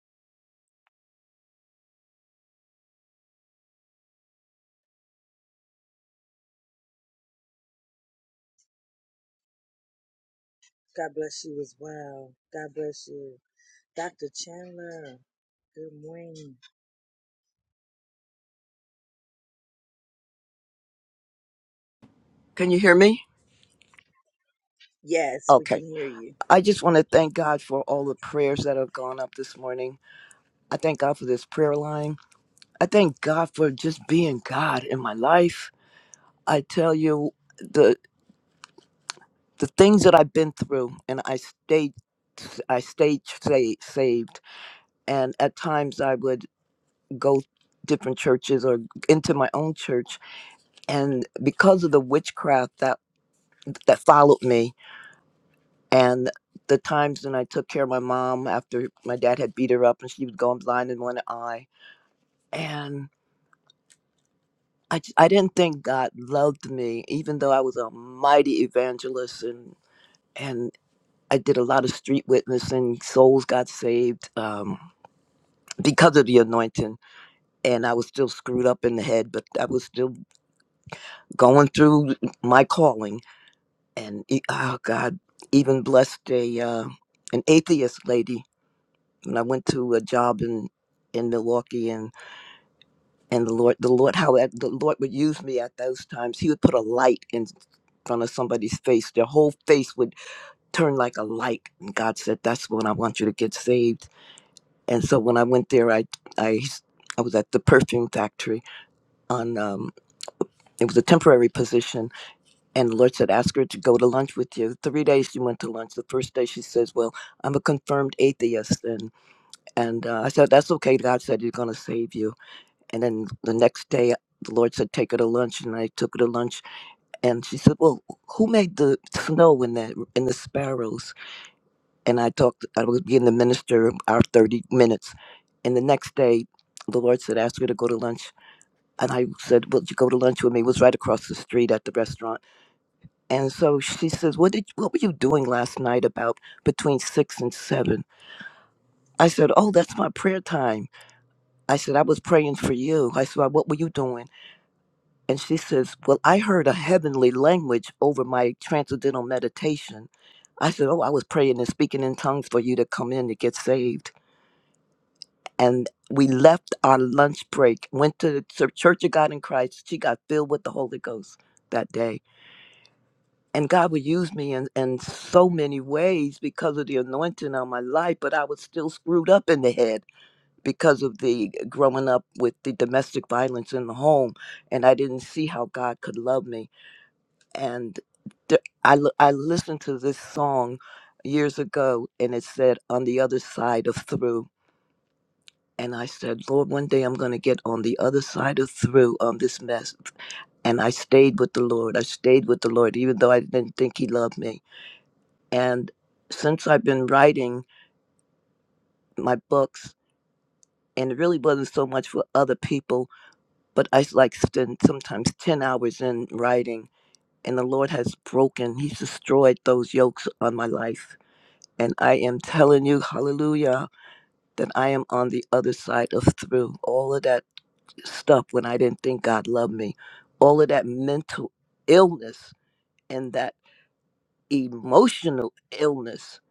S1: God bless you as well. God bless you. Dr. Chandler, good morning.
S4: Can you hear me?
S1: Yes, we
S4: Okay.
S1: can hear you.
S4: I just want to thank God for all the prayers that have gone up this morning. I thank God for this prayer line. I thank God for just being God in my life. I tell you the the things that I've been through and I stayed I stayed sa- saved and at times I would go different churches or into my own church and because of the witchcraft that that followed me and the times when I took care of my mom after my dad had beat her up and she was going blind in one eye. And I, j- I didn't think God loved me, even though I was a mighty evangelist and, and I did a lot of street witnessing. Souls got saved um, because of the anointing. And I was still screwed up in the head, but I was still going through my calling. And, e- oh God, even blessed a, uh, an atheist lady when I went to a job in in Milwaukee and and the Lord the Lord how I- the Lord would use me at those times. He would put a light in front of somebody's face. Their whole face would turn like a light. And God said, "That's when I want you to get saved." And so when I went there, I I I was at the perfume factory on um it was a temporary position and the Lord said, Ask her to go to lunch with you. Three days she went to lunch. The first day she says, Well, I'm a confirmed atheist and and uh, I said, That's okay. God said he's gonna save you. And then the next day, the Lord said, "Take her to lunch," and I took her to lunch. And she said, "Well, who made the snow in the in the sparrows?" And I talked. I was being the minister our thirty minutes. And the next day, the Lord said, "Ask her to go to lunch." And I said, "Will you go to lunch with me?" It was right across the street at the restaurant. And so she says, "What did? What were you doing last night? About between six and seven?" I said, "Oh, that's my prayer time." I said, "I was praying for you." I said, "What were you doing?" And she says, Well, I heard a heavenly language over my transcendental meditation. I said, Oh, I was praying and speaking in tongues for you to come in to get saved. And we left our lunch break, went to the Ch- Church of God in Christ. She got filled with the Holy Ghost that day. And God would use me in, in so many ways because of the anointing on my life, but I was still screwed up in the head because of the growing up with the domestic violence in the home. And I didn't see how God could love me and th- I, l- I listened to this song years ago and it said on the other side of through and i said lord one day i'm going to get on the other side of through on this mess and i stayed with the lord i stayed with the lord even though i didn't think he loved me and since i've been writing my books and it really wasn't so much for other people but i s- like spend sometimes 10 hours in writing and the lord has broken he's destroyed those yokes on my life And I am telling you, hallelujah, that I am on the other side of through all of that stuff when I didn't think God loved me, all of that mental illness and that emotional illness.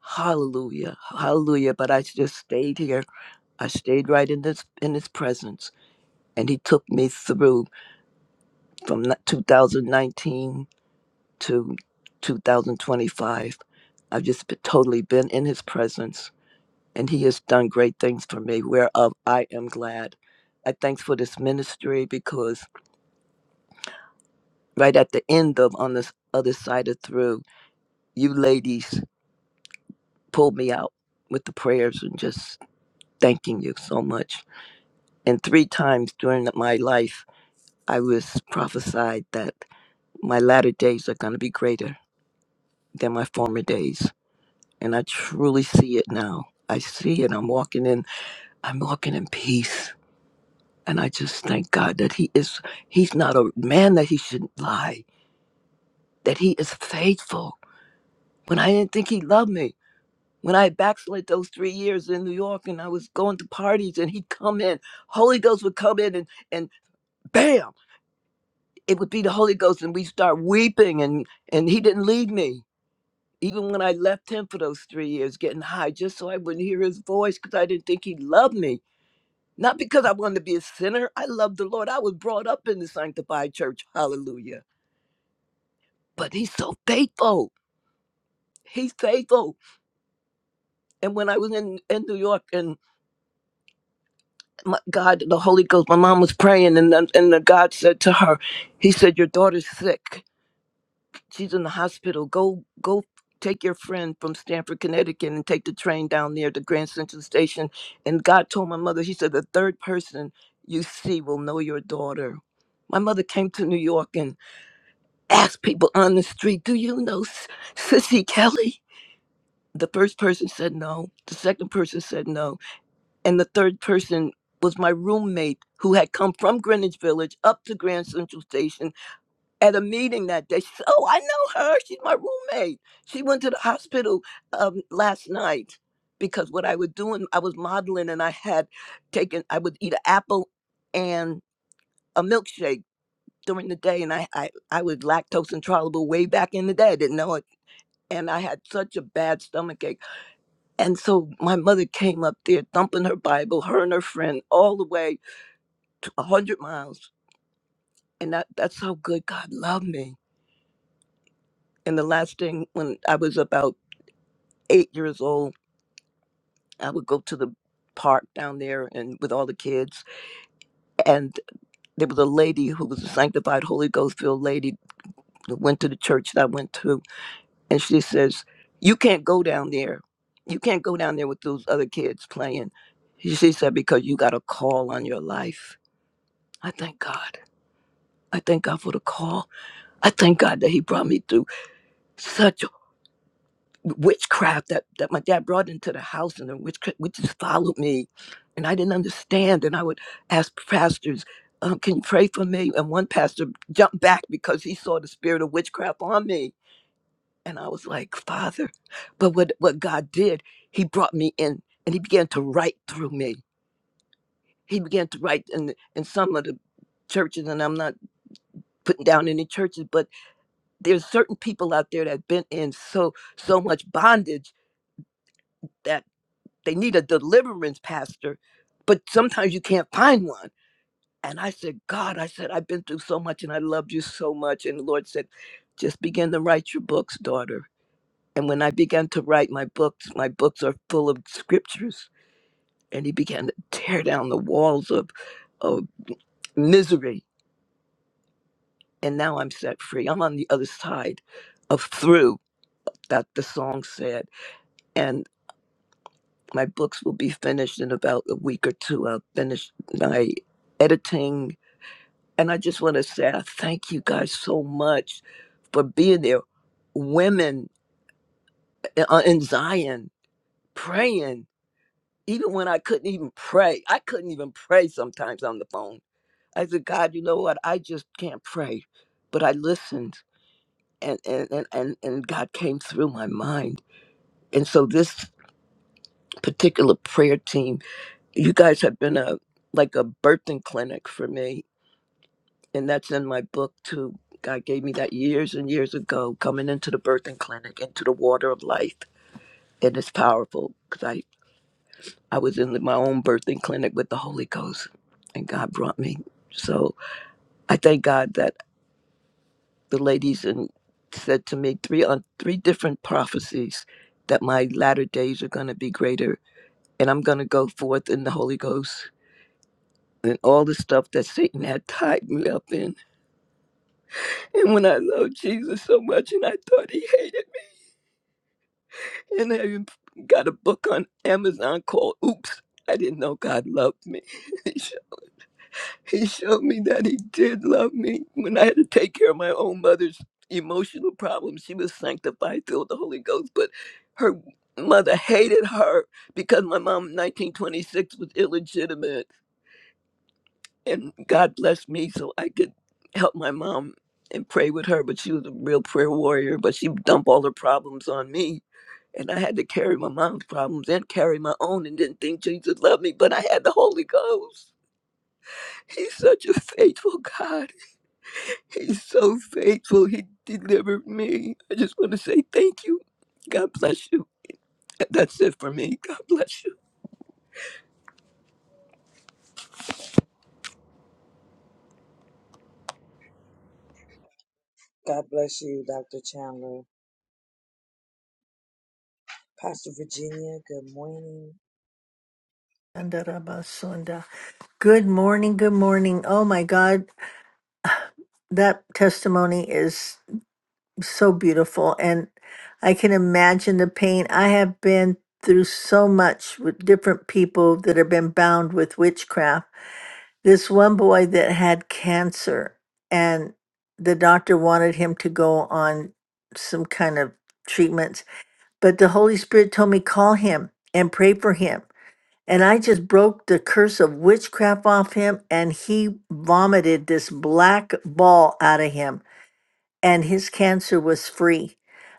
S4: Hallelujah. Hallelujah. But I just stayed here. I stayed right in this in his presence. And he took me through from n- 2019 to 2025. I've just been, totally been in his presence and he has done great things for me, whereof I am glad. I thanks for this ministry because right at the end of on this other side of through, you ladies pulled me out with the prayers and just thanking you so much. And three times during my life, I was prophesied that my latter days are going to be greater than my former days, and I truly see it now. I see it. I'm walking in. I'm walking in peace. And I just thank God that He is, He's not a man that He shouldn't lie, that He is faithful. When I didn't think He loved me, when I backslid those three years in New York and I was going to parties and He'd come in, Holy Ghost would come in and, and bam, it would be the Holy Ghost and we'd start weeping and, and He didn't leave me. Even when I left Him for those three years, getting high just so I wouldn't hear His voice because I didn't think He loved me. Not because I wanted to be a sinner. I loved the Lord. I was brought up in the sanctified church. Hallelujah but he's so faithful. He's faithful. And when I was in, in New York, and my God, the Holy Ghost, my mom was praying, and then, and the God said to her, He said, "Your daughter's sick. She's in the hospital. Go, go." Take your friend from Stamford, Connecticut, and take the train down there to Grand Central Station. And God told my mother, He said, The third person you see will know your daughter. My mother came to New York and asked people on the street, Do you know S- Sissy Kelly? The first person said no. The second person said no. And the third person was my roommate who had come from Greenwich Village up to Grand Central Station at a meeting that day. She said, Oh, I know her. She's my roommate. She went to the hospital um, last night because what I was doing, I was modeling and I had taken, I would eat an apple and a milkshake during the day. And I, I, I was lactose intolerable way back in the day. I didn't know it. And I had such a bad stomachache and so my mother came up there thumping her Bible, her and her friend, all the way to 100 miles. And that, that's how good God loved me. And the last thing, when I was about eight years old, I would go to the park down there and with all the kids. And there was a lady who was a sanctified Holy Ghost filled lady that went to the church that I went to. And she says, You can't go down there. You can't go down there with those other kids playing. She said, Because you got a call on your life. I thank God. I thank God for the call. I thank God that He brought me through such witchcraft that, that my dad brought into the house and the witchcraft, which just followed me. And I didn't understand. And I would ask pastors, um, Can you pray for me? And one pastor jumped back because he saw the spirit of witchcraft on me. And I was like, Father. But what, what God did, He brought me in and He began to write through me. He began to write in, in some of the churches, and I'm not putting down any churches, but there's certain people out there that have been in so so much bondage that they need a deliverance pastor but sometimes you can't find one and i said god i said i've been through so much and i loved you so much and the lord said just begin to write your books daughter and when i began to write my books my books are full of scriptures and he began to tear down the walls of of misery and now i'm set free i'm on the other side of through that the song said and. my books will be finished in about a week or two. I'll finish my editing. And I just want to say I thank you guys so much for being there. Women uh, uh, in Zion praying, even when I couldn't even pray. I couldn't even pray sometimes on the phone. I said, God, you know what? I just can't pray. But I listened and, and, and, and and God came through my mind. And so this particular prayer team you guys have been a like a birthing clinic for me and that's in my book too god gave me that years and years ago coming into the birthing clinic into the water of life and it's powerful because i i was in my own birthing clinic with the holy ghost and god brought me so i thank god that the ladies and said to me three on three different prophecies that my latter days are going to be greater and i'm going to go forth in the holy ghost and all the stuff that satan had tied me up in And when I loved Jesus so much and I thought he hated me, and I even got a book on Amazon called Oops, I Didn't Know God Loved Me. he sho- he showed me that he did love me when I had to take care of my own mother's emotional problems. She was sanctified, filled with the Holy Ghost, but her mother hated her because my mom in 1926 was illegitimate and God blessed me so I could help my mom and pray with her. But she was a real prayer warrior, but she dumped all her problems on me. And I had to carry my mom's problems and carry my own and didn't think Jesus loved me, but I had the Holy Ghost. He's such a faithful God. He's so faithful. He delivered me. I just want to say thank you. God bless you. That's it for me. God bless you.
S1: God bless you, Dr. Chandler. Pastor Virginia, good morning.
S5: Andarabasunda. Good morning. Good morning. Oh my God. That testimony is so beautiful. And I can imagine the pain. I have been through so much with different people that have been bound with witchcraft. This one boy that had cancer, and the doctor wanted him to go on some kind of treatments, but the Holy Spirit told me, call him and pray for him. And I just broke the curse of witchcraft off him, and he vomited this black ball out of him, and his cancer was free.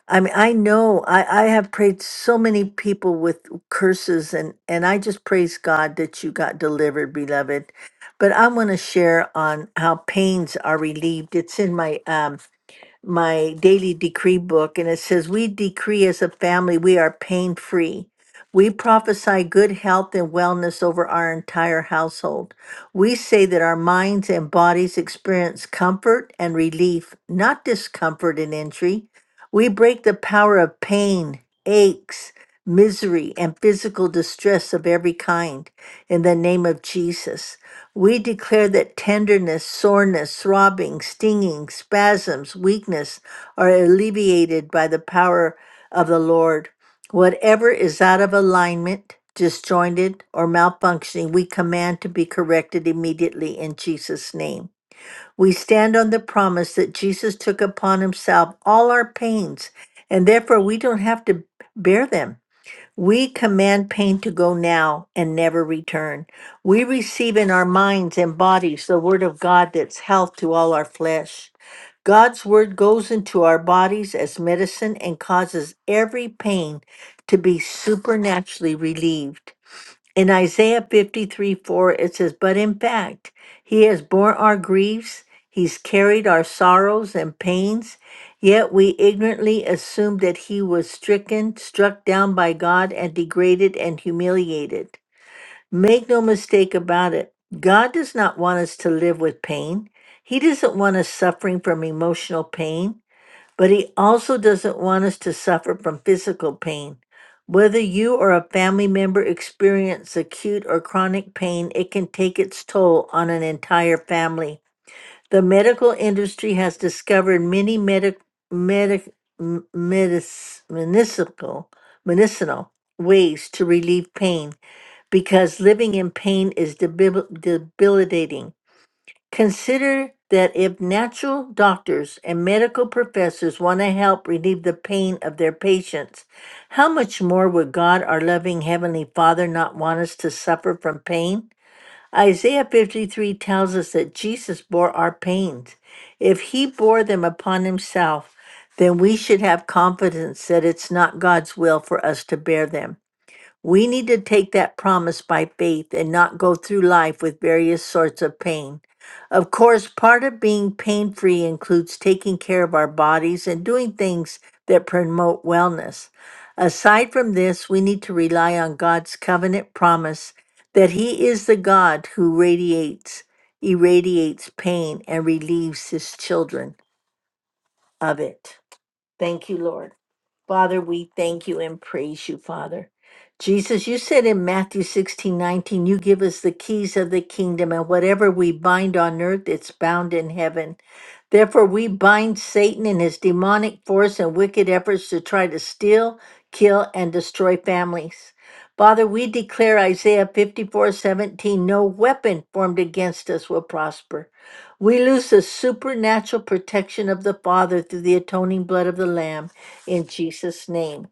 S5: I mean, I know I, I have prayed so many people with curses, and, and I just praise God that you got delivered, beloved. But I want to share on how pains are relieved. It's in my um, my daily decree book and it says we decree as a family we are pain free we prophesy good health and wellness over our entire household we say that our minds and bodies experience comfort and relief not discomfort and injury we break the power of pain aches misery and physical distress of every kind in the name of Jesus. We declare that tenderness, soreness, throbbing, stinging, spasms, weakness are alleviated by the power of the Lord. Whatever is out of alignment, disjointed, or malfunctioning, we command to be corrected immediately in Jesus' name. We stand on the promise that Jesus took upon himself all our pains, and therefore we don't have to bear them. We command pain to go now and never return. We receive in our minds and bodies the word of God that's health to all our flesh. God's word goes into our bodies as medicine and causes every pain to be supernaturally relieved. In Isaiah 53 4, it says, But in fact, he has borne our griefs, he's carried our sorrows and pains, yet we ignorantly assumed that he was stricken, struck down by God, and degraded and humiliated. Make no mistake about it, God does not want us to live with pain. He doesn't want us suffering from emotional pain but he also doesn't want us to suffer from physical pain. Whether you or a family member experience acute or chronic pain, it can take its toll on an entire family. The medical industry has discovered many medic, medic, m- medis, municipal, medicinal ways to relieve pain because living in pain is debil- debilitating. Consider that if natural doctors and medical professors want to help relieve the pain of their patients, how much more would God, our loving Heavenly Father, not want us to suffer from pain? Isaiah 53 tells us that Jesus bore our pains. If He bore them upon Himself, then we should have confidence that it's not God's will for us to bear them. We need to take that promise by faith and not go through life with various sorts of pain. Of course, part of being pain free includes taking care of our bodies and doing things that promote wellness. Aside from this, we need to rely on God's covenant promise that He is the God who radiates, irradiates pain, and relieves His children of it. Thank you, Lord. Father, we thank you and praise you, Father. Jesus, you said in Matthew 16 19, you give us the keys of the kingdom, and whatever we bind on earth, it's bound in heaven. Therefore, we bind Satan and his demonic force and wicked efforts to try to steal, kill, and destroy families. Father, we declare Isaiah 54 17: no weapon formed against us will prosper. We lose the supernatural protection of the Father through the atoning blood of the Lamb in Jesus' name.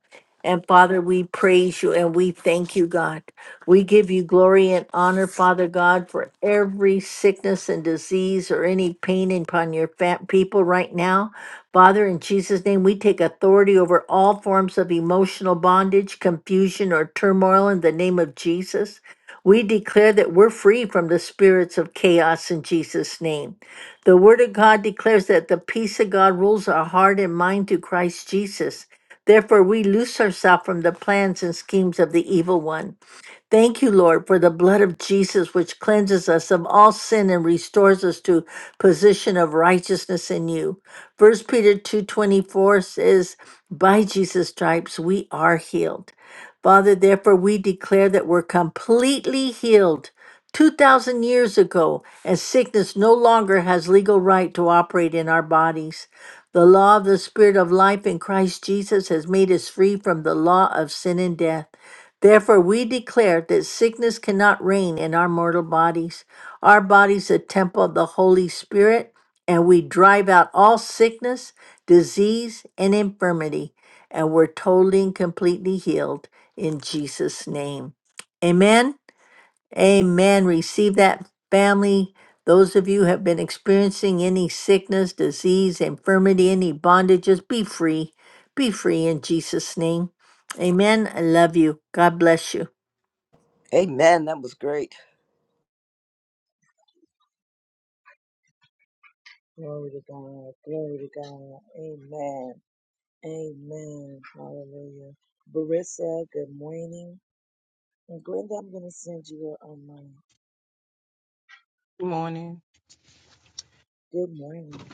S5: And Father, we praise you and we thank you, God. We give you glory and honor, Father God, for every sickness and disease or any pain upon your fat people right now. Father, in Jesus' name, we take authority over all forms of emotional bondage, confusion, or turmoil in the name of Jesus. We declare that we're free from the spirits of chaos in Jesus' name. The Word of God declares that the peace of God rules our heart and mind to Christ Jesus. Therefore, we loose ourselves from the plans and schemes of the evil one. Thank you, Lord, for the blood of Jesus, which cleanses us of all sin and restores us to position of righteousness in you. First Peter 2.24 says, By Jesus' stripes we are healed. Father, therefore we declare that we're completely healed 2,000 years ago, and sickness no longer has legal right to operate in our bodies. The law of the Spirit of life in Christ Jesus has made us free from the law of sin and death. Therefore, we declare that sickness cannot reign in our mortal bodies. Our body is a temple of the Holy Spirit, and we drive out all sickness, disease, and infirmity, and we're totally and completely healed in Jesus' name. Amen. Amen. Receive that family. Those of you who have been experiencing any sickness, disease, infirmity, any bondages, be free. Be free in Jesus' name. Amen. I love you. God bless you.
S4: Amen. That was great.
S1: Glory to God. Glory to God. Amen. Amen. Hallelujah. Barissa, good morning. And Glenda, I'm going to send you a um, uh,
S6: morning,
S1: good morning.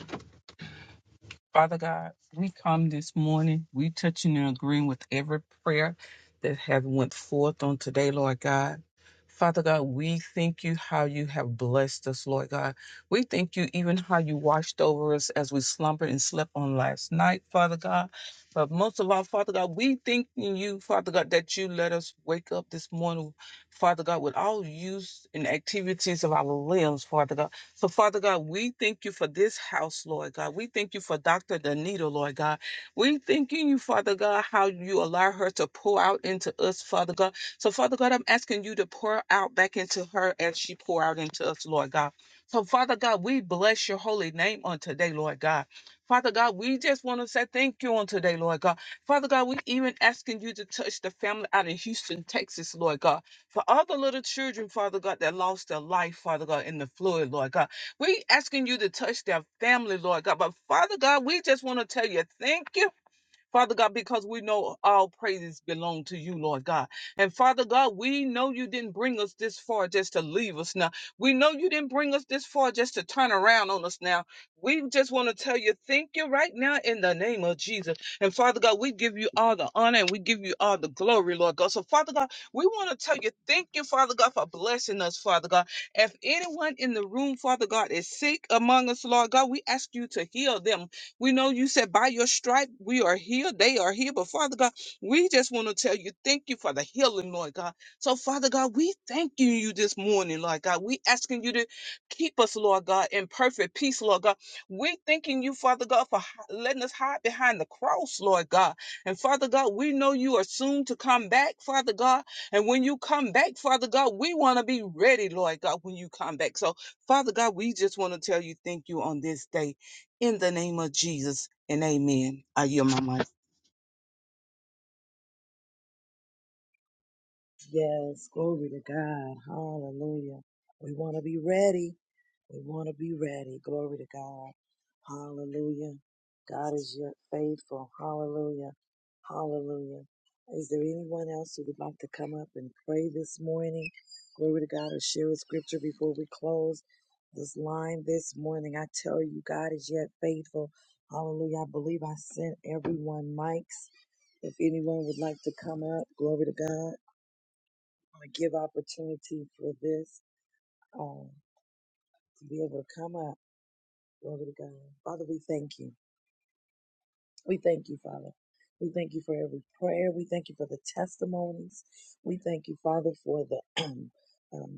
S6: Father God. We come this morning. We touching and agreeing with every prayer that have went forth on today, Lord God. Father God, we thank you how you have blessed us, Lord God. We thank you even how you watched over us as we slumbered and slept on last night, Father God. But most of all, Father God, we thank you, Father God, that you let us wake up this morning, Father God, with all use and activities of our limbs, Father God. So, Father God, we thank you for this house, Lord God. We thank you for Dr. Danita, Lord God. We thank you, Father God, how you allow her to pour out into us, Father God. So, Father God, I'm asking you to pour out back into her as she pour out into us, Lord God. So, Father God, we bless your holy name on today, Lord God. Father God, we just want to say thank you on today, Lord God. Father God, we even asking you to touch the family out in Houston, Texas, Lord God. For all the little children, Father God, that lost their life, Father God, in the flood, Lord God. We asking you to touch their family, Lord God. But Father God, we just want to tell you thank you Father God, because we know all praises belong to you, Lord God. And Father God, we know you didn't bring us this far just to leave us now. We know you didn't bring us this far just to turn around on us now. We just want to tell you, thank you right now in the name of Jesus. And Father God, we give you all the honor and we give you all the glory, Lord God. So, Father God, we want to tell you, thank you, Father God, for blessing us, Father God. If anyone in the room, Father God, is sick among us, Lord God, we ask you to heal them, we know you said by your stripe we are healed. They are healed. But Father God, we just want to tell you thank you for the healing, Lord God. So Father God, we thank you you this morning, Lord God. We asking you to keep us, Lord God, in perfect peace, Lord God. We thanking you, Father God, for hi- letting us hide behind the cross, Lord God. And Father God, we know you are soon to come back, Father God. And when you come back, Father God, we want to be ready, Lord God, when you come back. So Father God, we just want to tell you thank you on this day. In the name of Jesus and amen. I yield my mic.
S1: Yes, glory to God. Hallelujah. We want to be ready. We want to be ready. Glory to God. Hallelujah. God is yet faithful. Hallelujah. Hallelujah. Is there anyone else who would like to come up and pray this morning? Glory to God or share a scripture before we close this line this morning. I tell you, God is yet faithful. Hallelujah. I believe I sent everyone mics. If anyone would like to come up, glory to God. I give opportunity for this um, to be able to come up. Glory to God. Father, we thank you. We thank you, Father. We thank you for every prayer. We thank you for the testimonies. We thank you, Father, for the um,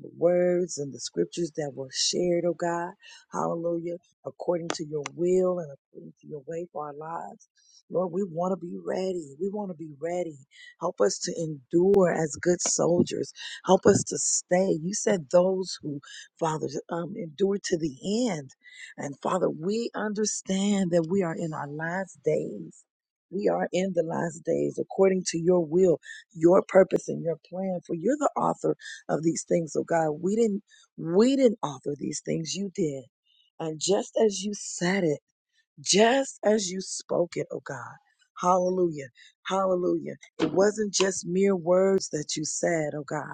S1: the words and the scriptures that were shared, oh God. Hallelujah. According to your will and according to your way for our lives. Lord, we want to be ready. We want to be ready. Help us to endure as good soldiers. Help us to stay. You said those who, Father, um, endure to the end. And Father, we understand that we are in our last days. We are in the last days according to your will, your purpose, and your plan. For you're the author of these things, oh God. We didn't we didn't author these things, you did. And just as you said it just as you spoke it, oh God. Hallelujah. Hallelujah. It wasn't just mere words that you said, oh God,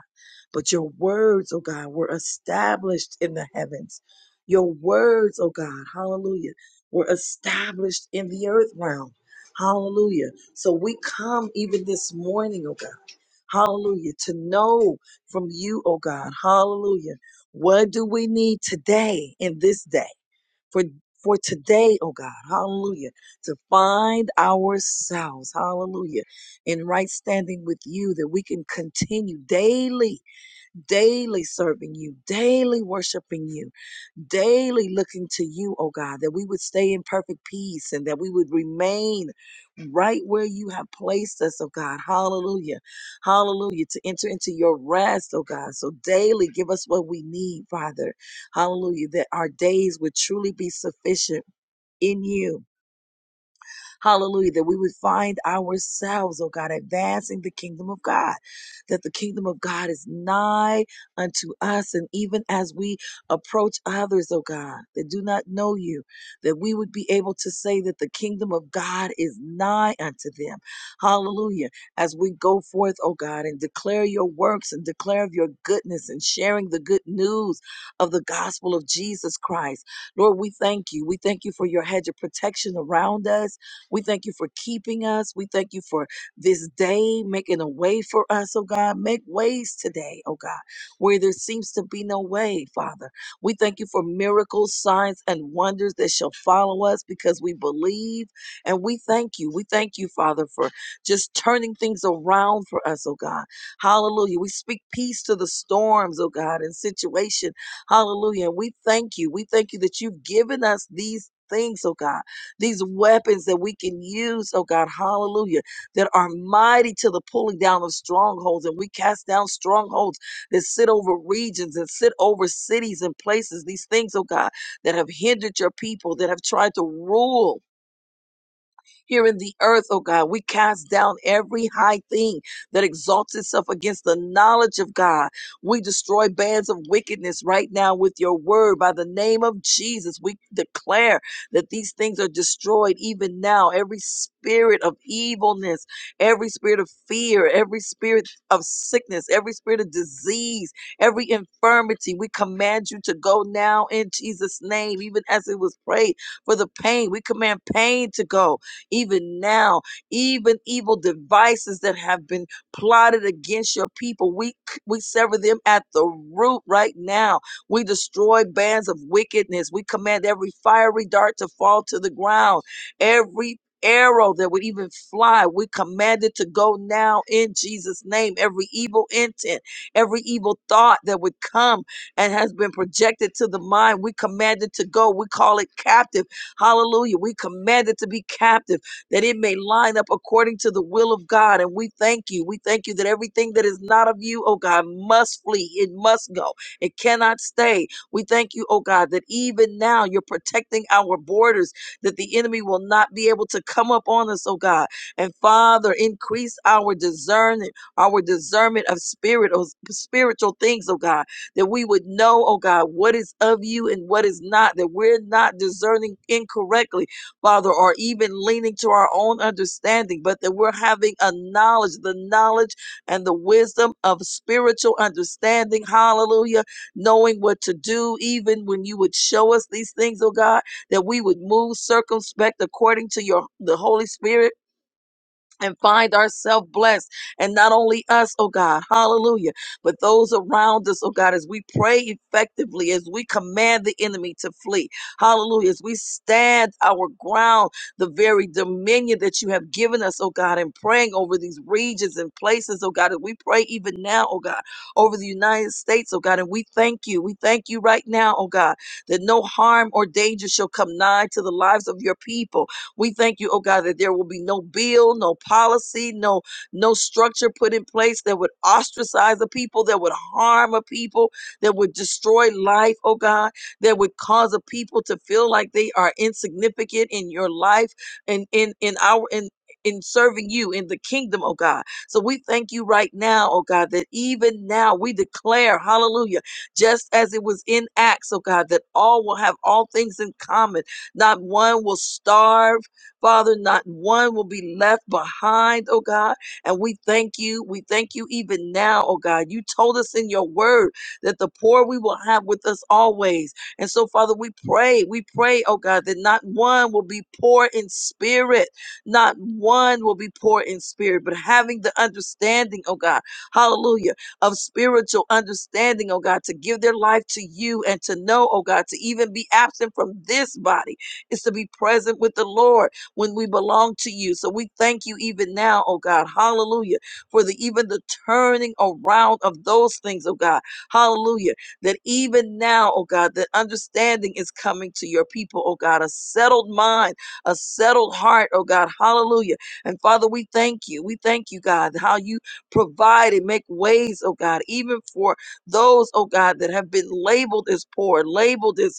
S1: but your words, oh God, were established in the heavens. Your words, oh God, hallelujah, were established in the earth realm. Hallelujah. So we come even this morning, oh God. Hallelujah. To know from you, oh God. Hallelujah. What do we need today in this day? for for today, oh God, hallelujah, to find ourselves, hallelujah, in right standing with you, that we can continue daily daily serving you, daily worshiping you, daily looking to you, oh God, that we would stay in perfect peace and that we would remain right where you have placed us, oh God. Hallelujah. Hallelujah. To enter into your rest, oh God. So daily give us what we need, Father. Hallelujah. That our days would truly be sufficient in you Hallelujah. That we would find ourselves, oh God, advancing the kingdom of God. That the kingdom of God is nigh unto us. And even as we approach others, oh God, that do not know you, that we would be able to say that the kingdom of God is nigh unto them. Hallelujah. As we go forth, oh God, and declare your works and declare of your goodness and sharing the good news of the gospel of Jesus Christ. Lord, we thank you. We thank you for your hedge of protection around us. We thank you for keeping us. We thank you for this day, making a way for us, oh God. Make ways today, oh God, where there seems to be no way, Father. We thank you for miracles, signs, and wonders that shall follow us because we believe. And we thank you. We thank you, Father, for just turning things around for us, oh God. Hallelujah. We speak peace to the storms, oh God, and situation. Hallelujah. And we thank you. We thank you that you've given us these things, oh God these weapons that we can use, oh God, hallelujah, that are mighty to the pulling down of strongholds. And we cast down strongholds that sit over regions and sit over cities and places, these things, oh God, that have hindered your people, that have tried to rule here in the earth, oh God. We cast down every high thing that exalts itself against the knowledge of God. We destroy bands of wickedness right now with your word. By the name of Jesus, we declare that these things are destroyed even now. Every spirit of evilness, every spirit of fear, every spirit of sickness, every spirit of disease, every infirmity, we command you to go now in Jesus' name, even as it was prayed for the pain. We command pain to go. Even now, even evil devices that have been plotted against your people, we we sever them at the root right now. We destroy bands of wickedness. We command every fiery dart to fall to the ground. Every arrow that would even fly, we command it to go now in Jesus' name. Every evil intent, every evil thought that would come and has been projected to the mind, we command it to go. We call it captive. Hallelujah. We command it to be captive that it may line up according to the will of God. And we thank you. We thank you that everything that is not of you, oh God, must flee. It must go. It cannot stay. We thank you, oh God, that even now you're protecting our borders, that the enemy will not be able to come up on us, oh God. And Father, increase our discernment, our discernment of spirit, of spiritual things, oh God, that we would know, oh God, what is of you and what is not, that we're not discerning incorrectly Father, or even leaning to our own understanding, but that we're having a knowledge, the knowledge and the wisdom of spiritual understanding. Hallelujah. Knowing what to do, even when you would show us these things, oh God, that we would move circumspect according to your the Holy Spirit and find ourselves blessed. And not only us, oh God, hallelujah, but those around us, oh God, as we pray effectively, as we command the enemy to flee, hallelujah, as we stand our ground, the very dominion that you have given us, oh God, and praying over these regions and places, oh God, as we pray even now, oh God, over the United States, oh God, and we thank you. We thank you right now, oh God, that no harm or danger shall come nigh to the lives of your people we thank you, oh God, that there will be no bill, no policy, no no structure put in place that would ostracize a people, that would harm a people, that would destroy life, oh God, that would cause a people to feel like they are insignificant in your life and in in our in in serving you in the kingdom, oh God. So we thank you right now, oh God, that even now we declare, hallelujah, just as it was in Acts, oh God, that all will have all things in common. Not one will starve, Father, not one will be left behind, oh God. And we thank you. We thank you even now, oh God. You told us in your word that the poor we will have with us always. And so, Father, we pray, we pray, oh God, that not one will be poor in spirit, not one will be poor in spirit, but having the understanding, oh God, hallelujah, of spiritual understanding, oh God, to give their life to you and to know, oh God, to even be absent from this body is to be present with the Lord when we belong to you. So we thank you even now, oh God. Hallelujah. For the even the turning around of those things, oh God. Hallelujah. That even now, oh God, that understanding is coming to your people, oh God. A settled mind, a settled heart, oh God. Hallelujah. And Father, we thank you. We thank you, God, how you provide and make ways, oh God, even for those, oh God, that have been labeled as poor, labeled as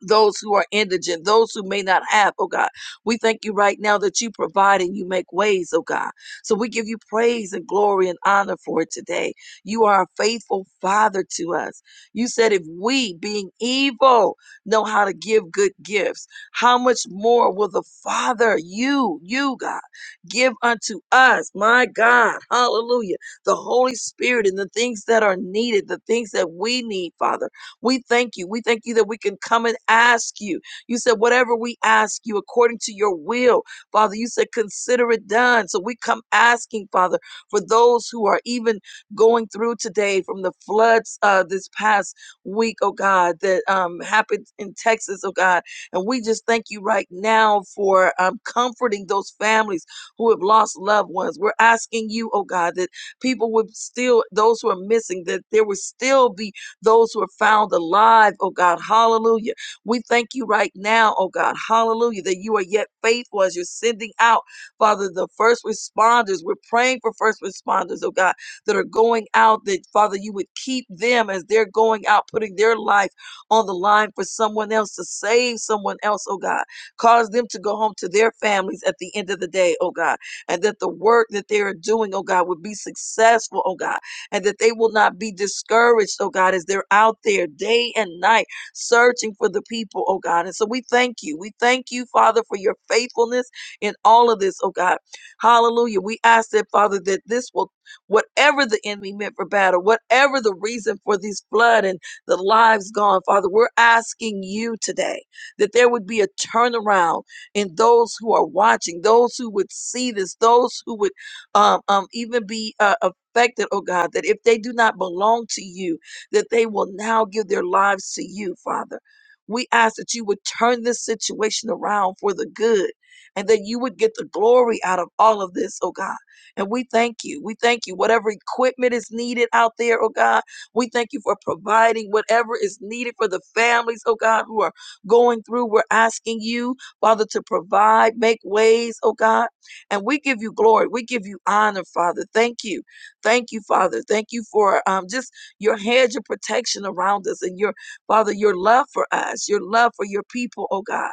S1: those who are indigent, those who may not have, oh God. We thank you right now that you provide and you make ways, oh God. So we give you praise and glory and honor for it today. You are a faithful Father to us. You said if we, being evil, know how to give good gifts, how much more will the Father, you, you, God, give unto us, my God, hallelujah, the Holy Spirit and the things that are needed, the things that we need, Father. We thank you. We thank you that we can come and ask you. You said, whatever we ask you according to your will, Father, you said, consider it done. So we come asking, Father, for those who are even going through today from the floods uh, this past week, oh God, that um, happened in Texas, oh God. And we just thank you right now for um, comforting those families who have lost loved ones. We're asking you, oh God, that people would still, those who are missing, that there would still be those who are found alive, oh God, hallelujah. We thank you right now, oh God, hallelujah, that you are yet faithful as you're sending out, Father, the first responders. We're praying for first responders, oh God, that are going out, that Father, you would keep them as they're going out, putting their life on the line for someone else to save someone else, oh God. Cause them to go home to their families at the end of the day, oh God, and that the work that they are doing, oh God, would be successful, oh God and that they will not be discouraged, oh God, as they're out there day and night searching for the people, oh God. And so we thank you. We thank you, Father, for your faithfulness in all of this, oh God. Hallelujah. We ask that, Father, that this will, whatever the enemy meant for battle, whatever the reason for this flood and the lives gone, Father, we're asking you today that there would be a turnaround in those who are watching, those who would see this, those who would um, um, even be uh affected, oh God, that if they do not belong to you, that they will now give their lives to you, Father. We ask that you would turn this situation around for the good and that you would get the glory out of all of this, oh God. And we thank you. We thank you. Whatever equipment is needed out there, oh God, we thank you for providing whatever is needed for the families, oh God, who are going through. We're asking you, Father, to provide, make ways, oh God. And we give you glory. We give you honor, Father. Thank you. Thank you, Father. Thank you for um, just your hedge of protection around us and your, Father, your love for us, your love for your people, oh God.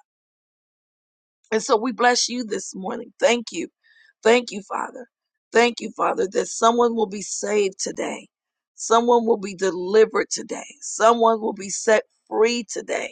S1: And so we bless you this morning. Thank you. Thank you, Father. Thank you, Father, that someone will be saved today. Someone will be delivered today. Someone will be set free today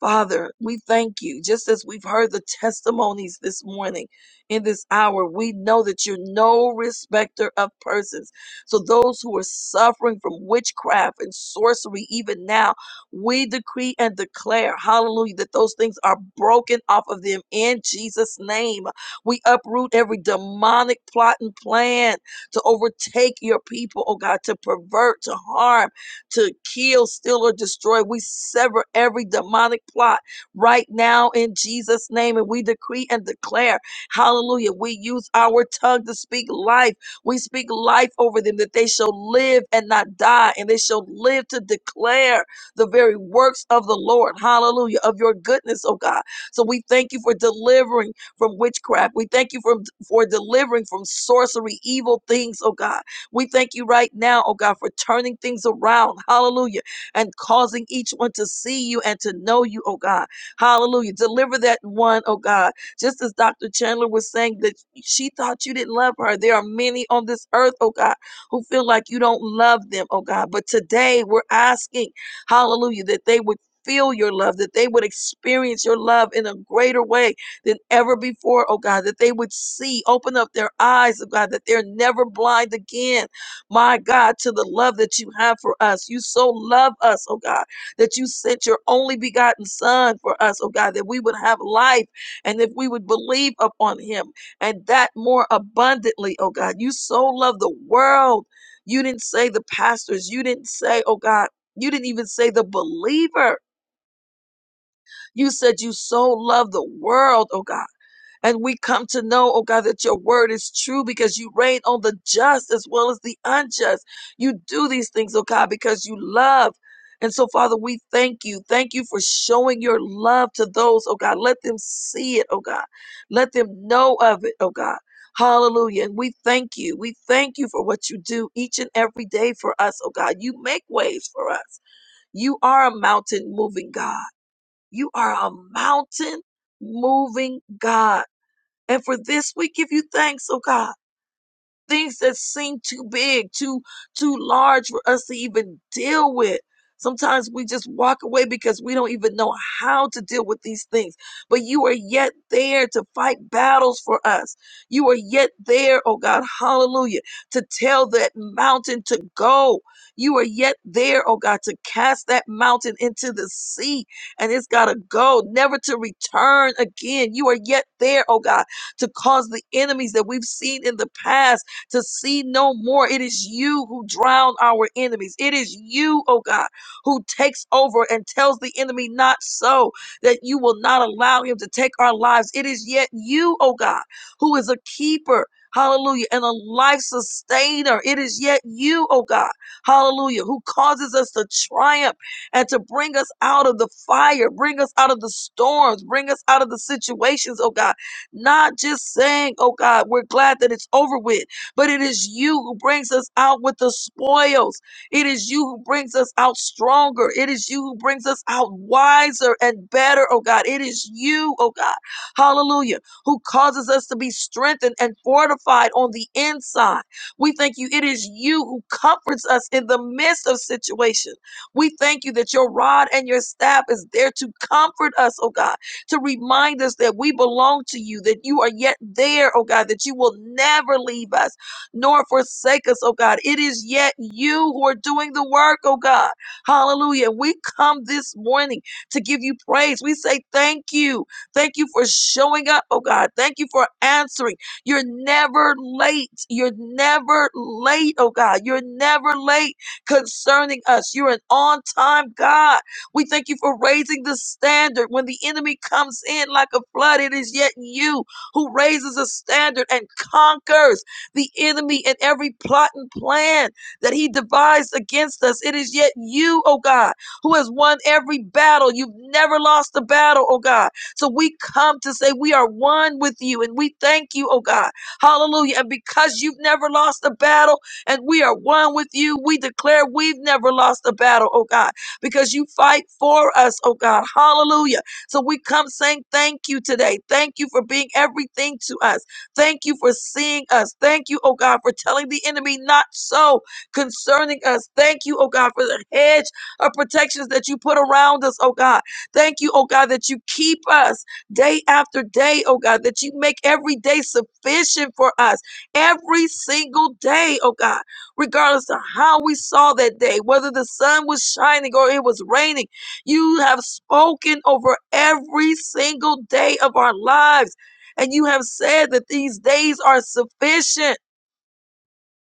S1: Father, we thank you. Just as we've heard the testimonies this morning in this hour, we know that you're no respecter of persons. So those who are suffering from witchcraft and sorcery, even now, we decree and declare, hallelujah, that those things are broken off of them in Jesus' name. We uproot every demonic plot and plan to overtake your people, oh God, to pervert, to harm to kill, steal, or destroy. We sever every demonic plot right now in Jesus' name. And we decree and declare, hallelujah. We use our tongue to speak life. We speak life over them that they shall live and not die, and they shall live to declare the very works of the Lord. Hallelujah. Of your goodness, oh God. So we thank you for delivering from witchcraft. We thank you for, for delivering from sorcery, evil things, oh God. We thank you right now, oh God, for turning things around. Hallelujah. And causing each one to see you and to know you, oh God. Hallelujah. Deliver that one, oh God. Just as Dr. Chandler was saying that she thought you didn't love her. There are many on this earth, oh God, who feel like you don't love them, oh God. But today we're asking, hallelujah, that they would feel your love, that they would experience your love in a greater way than ever before, oh God, that they would see, open up their eyes, oh God, that they're never blind again, my God, to the love that you have for us. You so love us, oh God, that you sent your only begotten Son for us, oh God, that we would have life and if we would believe upon him and that more abundantly, oh God. You so love the world. You didn't say the pastors, you didn't say, oh God. You didn't even say the believer. You said you so love the world, oh God and we come to know, oh God, that your word is true because you reign on the just as well as the unjust. You do these things, oh God, because you love. And so, Father, we thank you. Thank you for showing your love to those, oh God. Let them see it, oh God. Let them know of it, oh God. Hallelujah. And we thank you. We thank you for what you do each and every day for us, oh God. You make ways for us. You are a mountain moving God. You are a mountain moving God. And for this, we give you thanks, oh God things that seem too big, too too large for us to even deal with. Sometimes we just walk away because we don't even know how to deal with these things. But you are yet there to fight battles for us. You are yet there, oh God, hallelujah, to tell that mountain to go. You are yet there, oh God, to cast that mountain into the sea and it's got to go, never to return again. You are yet there, oh God, to cause the enemies that we've seen in the past to see no more. It is you who drown our enemies. It is you, oh God, who takes over and tells the enemy not so, that you will not allow him to take our lives. It is yet you, oh God, who is a keeper. Hallelujah. And a life sustainer. It is yet you, oh God. Hallelujah. Who causes us to triumph and to bring us out of the fire, bring us out of the storms, bring us out of the situations, oh God. Not just saying, oh God, we're glad that it's over with but it is you who brings us out with the spoils. It is you who brings us out stronger. It is you who brings us out wiser and better, oh God. It is you, oh God, hallelujah, who causes us to be strengthened and fortified on the inside. We thank you. It is you who comforts us in the midst of situations. We thank you that your rod and your staff is there to comfort us, oh God, to remind us that we belong to you, that you are yet there, oh God, that you will never leave us nor forsake us, oh God. It is yet you who are doing the work, oh God. Hallelujah. We come this morning to give you praise. We say thank you. Thank you for showing up, oh God. Thank you for answering. You're never late. You're never late, oh God. You're never late concerning us. You're an on time God. We thank you for raising the standard. When the enemy comes in like a flood, it is yet you who raises a standard and conquers the enemy and every plot and plan that he devised against us. It is yet you, oh God, who has won every battle. You've never lost a battle, oh God. So we come to say we are one with you and we thank you, oh God. Hallelujah. And because you've never lost a battle and we are one with you, we declare we've never lost a battle, oh God, because you fight for us, oh God. Hallelujah. So we come saying thank you today. Thank you for being everything to us. Thank you for seeing us. Thank you, oh God, for telling the enemy not so concerning us. Thank you, oh God, for the hedge of protections that you put around us, oh God. Thank you, oh God, that you keep us day after day, oh God, that you make every day sufficient for us every single day, oh God, regardless of how we saw that day, whether the sun was shining or it was raining. You have spoken over every single day of our lives. And you have said that these days are sufficient.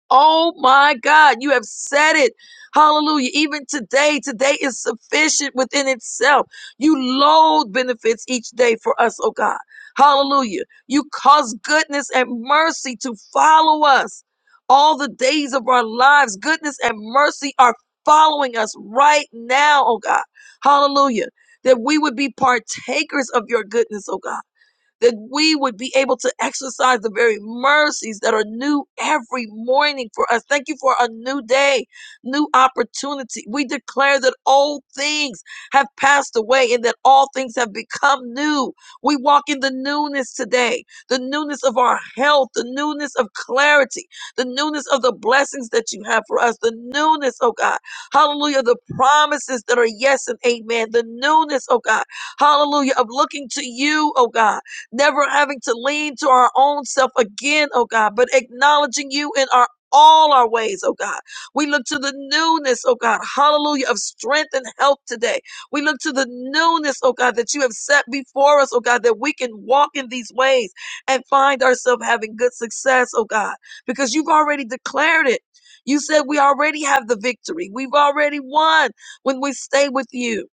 S1: Oh my God, you have said it. Hallelujah. Even today, today is sufficient within itself. You load benefits each day for us, oh God. Hallelujah. You cause goodness and mercy to follow us all the days of our lives. Goodness and mercy are following us right now, oh God. Hallelujah. That we would be partakers of your goodness, oh God that we would be able to exercise the very mercies that are new every morning for us. Thank you for a new day, new opportunity. We declare that old things have passed away and that all things have become new. We walk in the newness today, the newness of our health, the newness of clarity, the newness of the blessings that you have for us, the newness, oh God. Hallelujah, the promises that are yes and amen, the newness, oh God. Hallelujah, of looking to you, oh God never having to lean to our own self again, oh God, but acknowledging you in our all our ways, oh God. We look to the newness, oh God, hallelujah, of strength and health today. We look to the newness, oh God, that you have set before us, oh God, that we can walk in these ways and find ourselves having good success, oh God, because you've already declared it. You said we already have the victory. We've already won when we stay with you.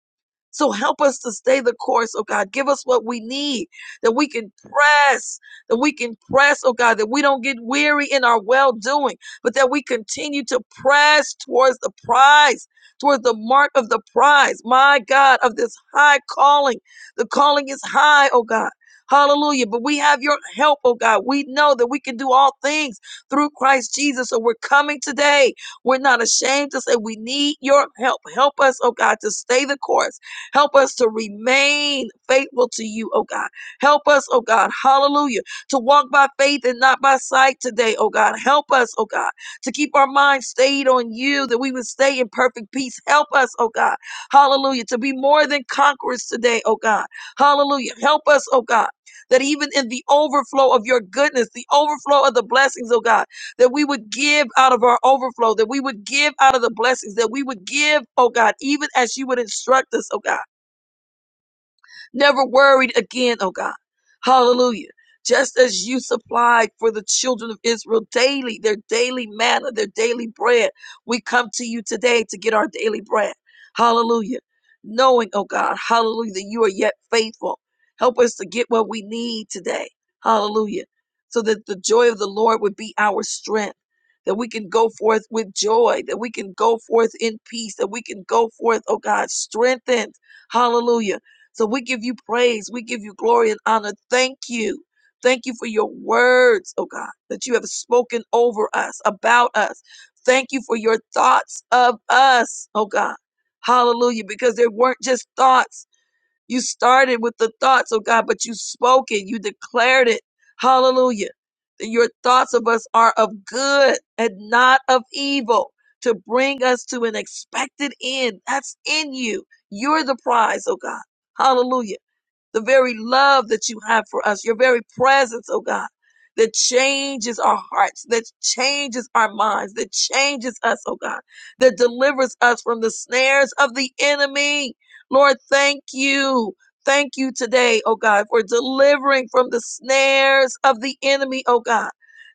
S1: So help us to stay the course, oh God. Give us what we need that we can press, that we can press, oh God, that we don't get weary in our well doing, but that we continue to press towards the prize, towards the mark of the prize, my God, of this high calling. The calling is high, oh God. Hallelujah. But we have your help, oh God. We know that we can do all things through Christ Jesus. So we're coming today. We're not ashamed to say we need your help. Help us, oh God, to stay the course Help us to remain faithful to you, oh God. Help us, oh God. Hallelujah. To walk by faith and not by sight today, oh God. Help us, oh God, to keep our minds stayed on you, that we would stay in perfect peace. Help us, oh God. Hallelujah. To be more than conquerors today, oh God. Hallelujah. Help us, oh God. That even in the overflow of your goodness, the overflow of the blessings, oh God, that we would give out of our overflow, that we would give out of the blessings, that we would give, oh God, even as you would instruct us, oh God never worried again, oh God. Hallelujah. Just as you supplied for the children of Israel daily, their daily manna, their daily bread, we come to you today to get our daily bread. Hallelujah. Knowing, oh God, hallelujah, that you are yet faithful. Help us to get what we need today. Hallelujah. So that the joy of the Lord would be our strength, that we can go forth with joy, that we can go forth in peace, that we can go forth, oh God, strengthened. Hallelujah so we give you praise. We give you glory and honor. Thank you. Thank you for your words, oh God, that you have spoken over us, about us. Thank you for your thoughts of us, oh God. Hallelujah. Because they weren't just thoughts. You started with the thoughts, oh God, but you spoke it, you declared it. Hallelujah. That your thoughts of us are of good and not of evil to bring us to an expected end. That's in you. You're the prize, oh God. Hallelujah the very love that you have for us, your very presence, oh God, that changes our hearts, that changes our minds, that changes us, oh God, that delivers us from the snares of the enemy. Lord, thank you. Thank you today, oh God, for delivering from the snares of the enemy, oh God.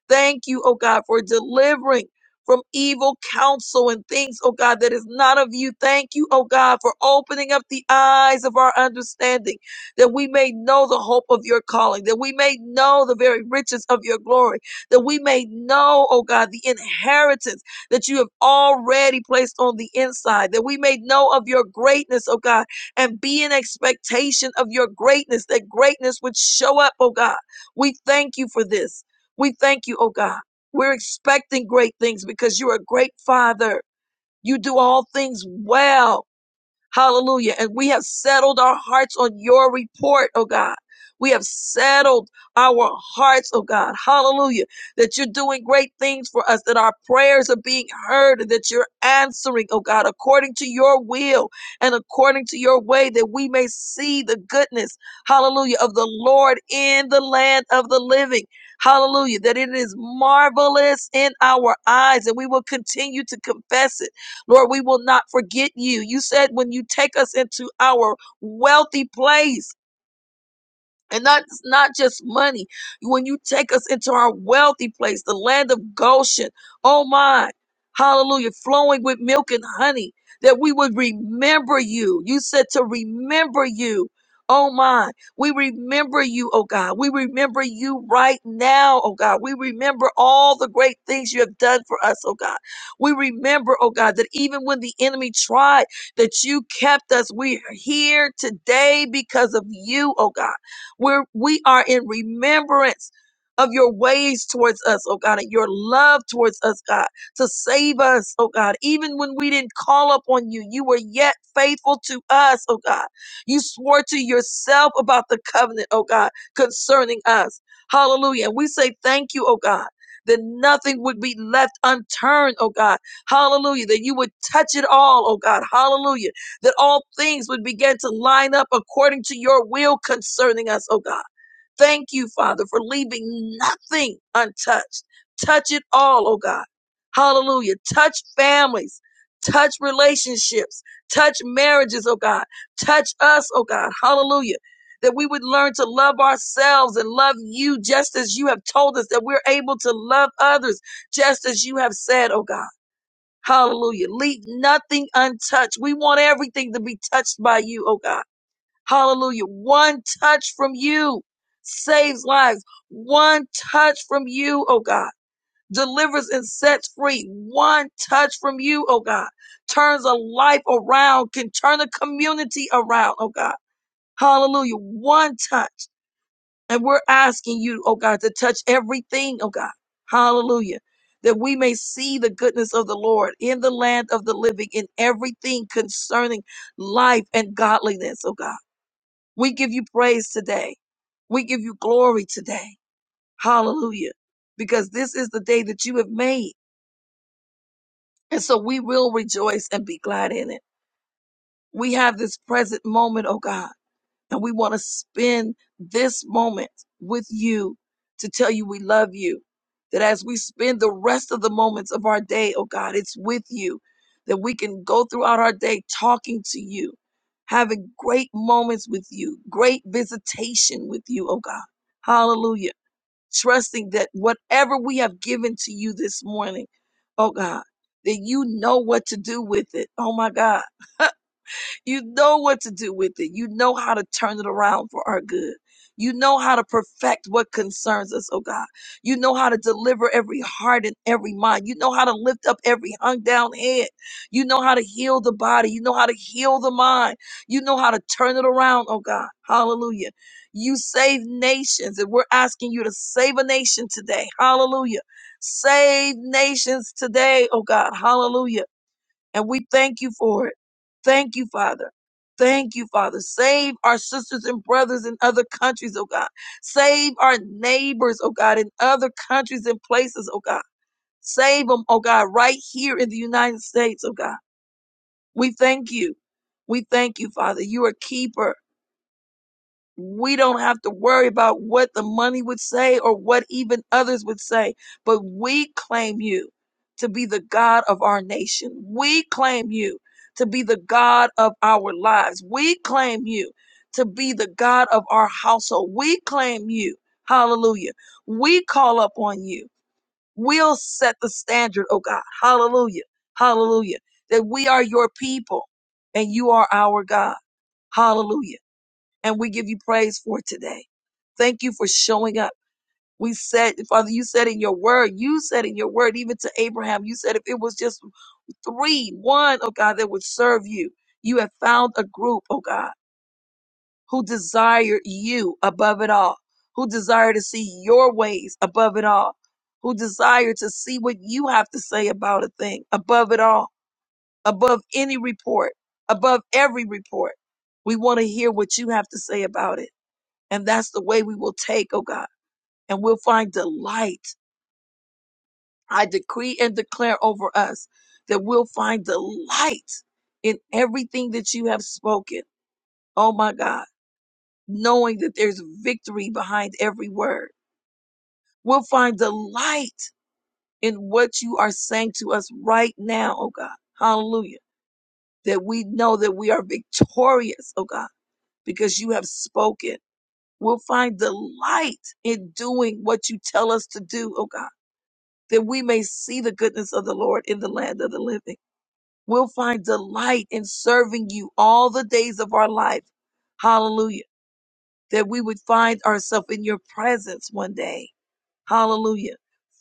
S1: Thank you, oh God, for delivering from evil counsel and things, oh God, that is not of you. Thank you, oh God, for opening up the eyes of our understanding that we may know the hope of your calling, that we may know the very riches of your glory, that we may know, oh God, the inheritance that you have already placed on the inside, that we may know of your greatness, oh God, and be in expectation of your greatness, that greatness would show up, oh God. We thank you for this. We thank you, oh God. We're expecting great things because you're a great father. You do all things well. Hallelujah. And we have settled our hearts on your report, oh God. We have settled our hearts, oh God. Hallelujah. That you're doing great things for us, that our prayers are being heard, and that you're answering, oh God, according to your will and according to your way, that we may see the goodness, hallelujah, of the Lord in the land of the living. Hallelujah. That it is marvelous in our eyes, and we will continue to confess it Lord, we will not forget you. You said when you take us into our wealthy place, and that's not just money. When you take us into our wealthy place, the land of Goshen, oh my, hallelujah, flowing with milk and honey, that we would remember you. You said to remember you. Oh my, we remember you, oh God. We remember you right now, oh God. We remember all the great things you have done for us, oh God. We remember, oh God, that even when the enemy tried, that you kept us. We are here today because of you, oh God. We're, we are in remembrance of your ways towards us, oh God, and your love towards us, God, to save us, oh God. Even when we didn't call upon you, you were yet faithful to us, oh God. You swore to yourself about the covenant, oh God, concerning us. Hallelujah. And we say thank you, oh God. That nothing would be left unturned, oh God. Hallelujah. That you would touch it all, oh God. Hallelujah that all things would begin to line up according to your will concerning us, oh God. Thank you, Father, for leaving nothing untouched. Touch it all, oh God. Hallelujah. Touch families, touch relationships, touch marriages, oh God. Touch us, oh God. Hallelujah. That we would learn to love ourselves and love you just as you have told us, that we're able to love others just as you have said, oh God. Hallelujah. Leave nothing untouched. We want everything to be touched by you, oh God. Hallelujah. One touch from you saves lives. One touch from you, oh God, delivers and sets free. One touch from you, oh God, turns a life around, can turn a community around, oh God. Hallelujah. One touch. And we're asking you, oh God, to touch everything, oh God. Hallelujah. That we may see the goodness of the Lord in the land of the living, in everything concerning life and godliness, oh God. We give you praise today. We give you glory today. Hallelujah. Because this is the day that you have made. And so we will rejoice and be glad in it. We have this present moment, oh God. And we want to spend this moment with you to tell you we love you. That as we spend the rest of the moments of our day, oh God, it's with you. That we can go throughout our day talking to you, having great moments with you, great visitation with you, oh God. Hallelujah. Trusting that whatever we have given to you this morning, oh God, that you know what to do with it. Oh my God you know what to do with it. You know how to turn it around for our good. You know how to perfect what concerns us, oh God. You know how to deliver every heart and every mind. You know how to lift up every hung down head. You know how to heal the body. You know how to heal the mind. You know how to turn it around, oh God. Hallelujah. You save nations, and we're asking you to save a nation today. Hallelujah. Save nations today, oh God. Hallelujah and we thank you for it. Thank you, Father. Thank you, Father. Save our sisters and brothers in other countries, oh God. Save our neighbors, oh God, in other countries and places, oh God. Save them, oh God, right here in the United States, oh God. We thank you. We thank you, Father. You are a keeper we don't have to worry about what the money would say or what even others would say, but we claim you to be the God of our nation. We claim you to be the God of our lives. We claim you to be the God of our household. We claim you. Hallelujah. We call upon you. We'll set the standard, oh God. Hallelujah. Hallelujah. That we are your people and you are our God. Hallelujah. And we give you praise for it today. Thank you for showing up. We said, Father, you said in your word, you said in your word, even to Abraham, you said if it was just three, one, oh God, that would serve you, you have found a group, oh God, who desire you above it all, who desire to see your ways above it all, who desire to see what you have to say about a thing above it all, above any report, above every report. We want to hear what you have to say about it. And that's the way we will take, oh God, and we'll find delight. I decree and declare over us that we'll find delight in everything that you have spoken. Oh my God, knowing that there's victory behind every word. We'll find delight in what you are saying to us right now, oh God. Hallelujah. That we know that we are victorious, oh God, because you have spoken. We'll find delight in doing what you tell us to do, oh God that we may see the goodness of the Lord in the land of the living. We'll find delight in serving you all the days of our life. Hallelujah. That we would find ourselves in your presence one day. Hallelujah.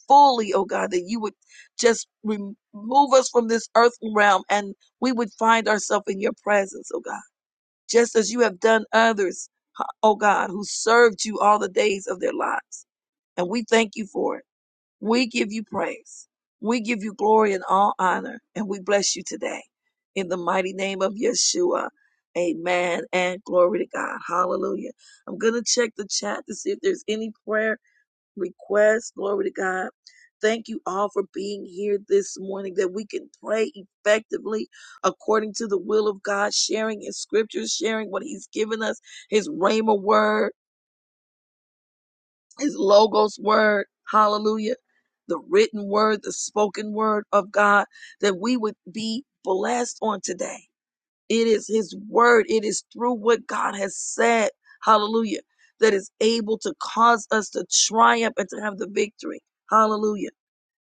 S1: Fully, oh God, that you would just remove us from this earthly realm and we would find ourselves in your presence, oh God. Just as you have done others, oh God, who served you all the days of their lives. And we thank you for it. We give you praise. We give you glory and all honor. And we bless you today. In the mighty name of Yeshua. Amen. And glory to God. Hallelujah. I'm going to check the chat to see if there's any prayer requests. Glory to God. Thank you all for being here this morning that we can pray effectively according to the will of God, sharing his scriptures, sharing what he's given us, his rhema word his logos word, hallelujah, the written word, the spoken word of God, that we would be blessed on today. It is his word, it is through what God has said, hallelujah, that is able to cause us to triumph and to have the victory, hallelujah.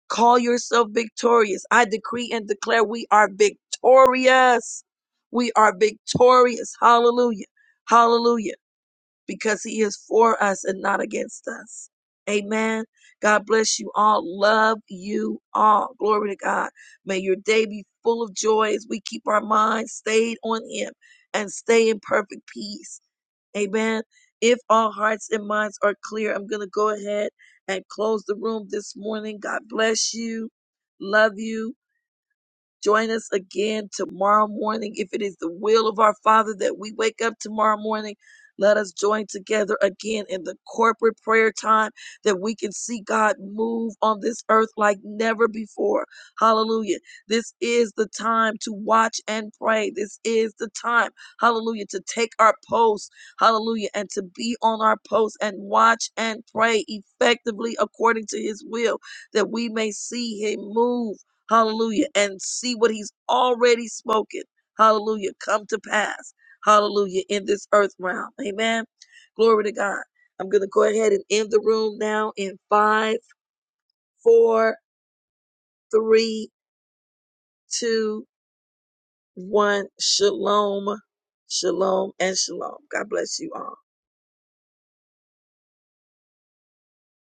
S1: Call yourself victorious. I decree and declare we are victorious. We are victorious. Hallelujah. Hallelujah because he is for us and not against us. Amen. God bless you all. Love you all. Glory to God. May your day be full of joy as we keep our minds stayed on him and stay in perfect peace. Amen. If all hearts and minds are clear, I'm going to go ahead and close the room this morning. God bless you. Love you. Join us again tomorrow morning. If it is the will of our Father that we wake up tomorrow morning, let us join together again in the corporate prayer time that we can see God move on this earth like never before. Hallelujah. This is the time to watch and pray. This is the time, hallelujah, to take our post, hallelujah, and to be on our post and watch and pray effectively according to his will that we may see him move Hallelujah. And see what he's already spoken. Hallelujah. Come to pass. Hallelujah. In this earth realm. Amen. Glory to God. I'm going to go ahead and end the room now in five, four, three, two, one. Shalom. Shalom and shalom. God bless you all.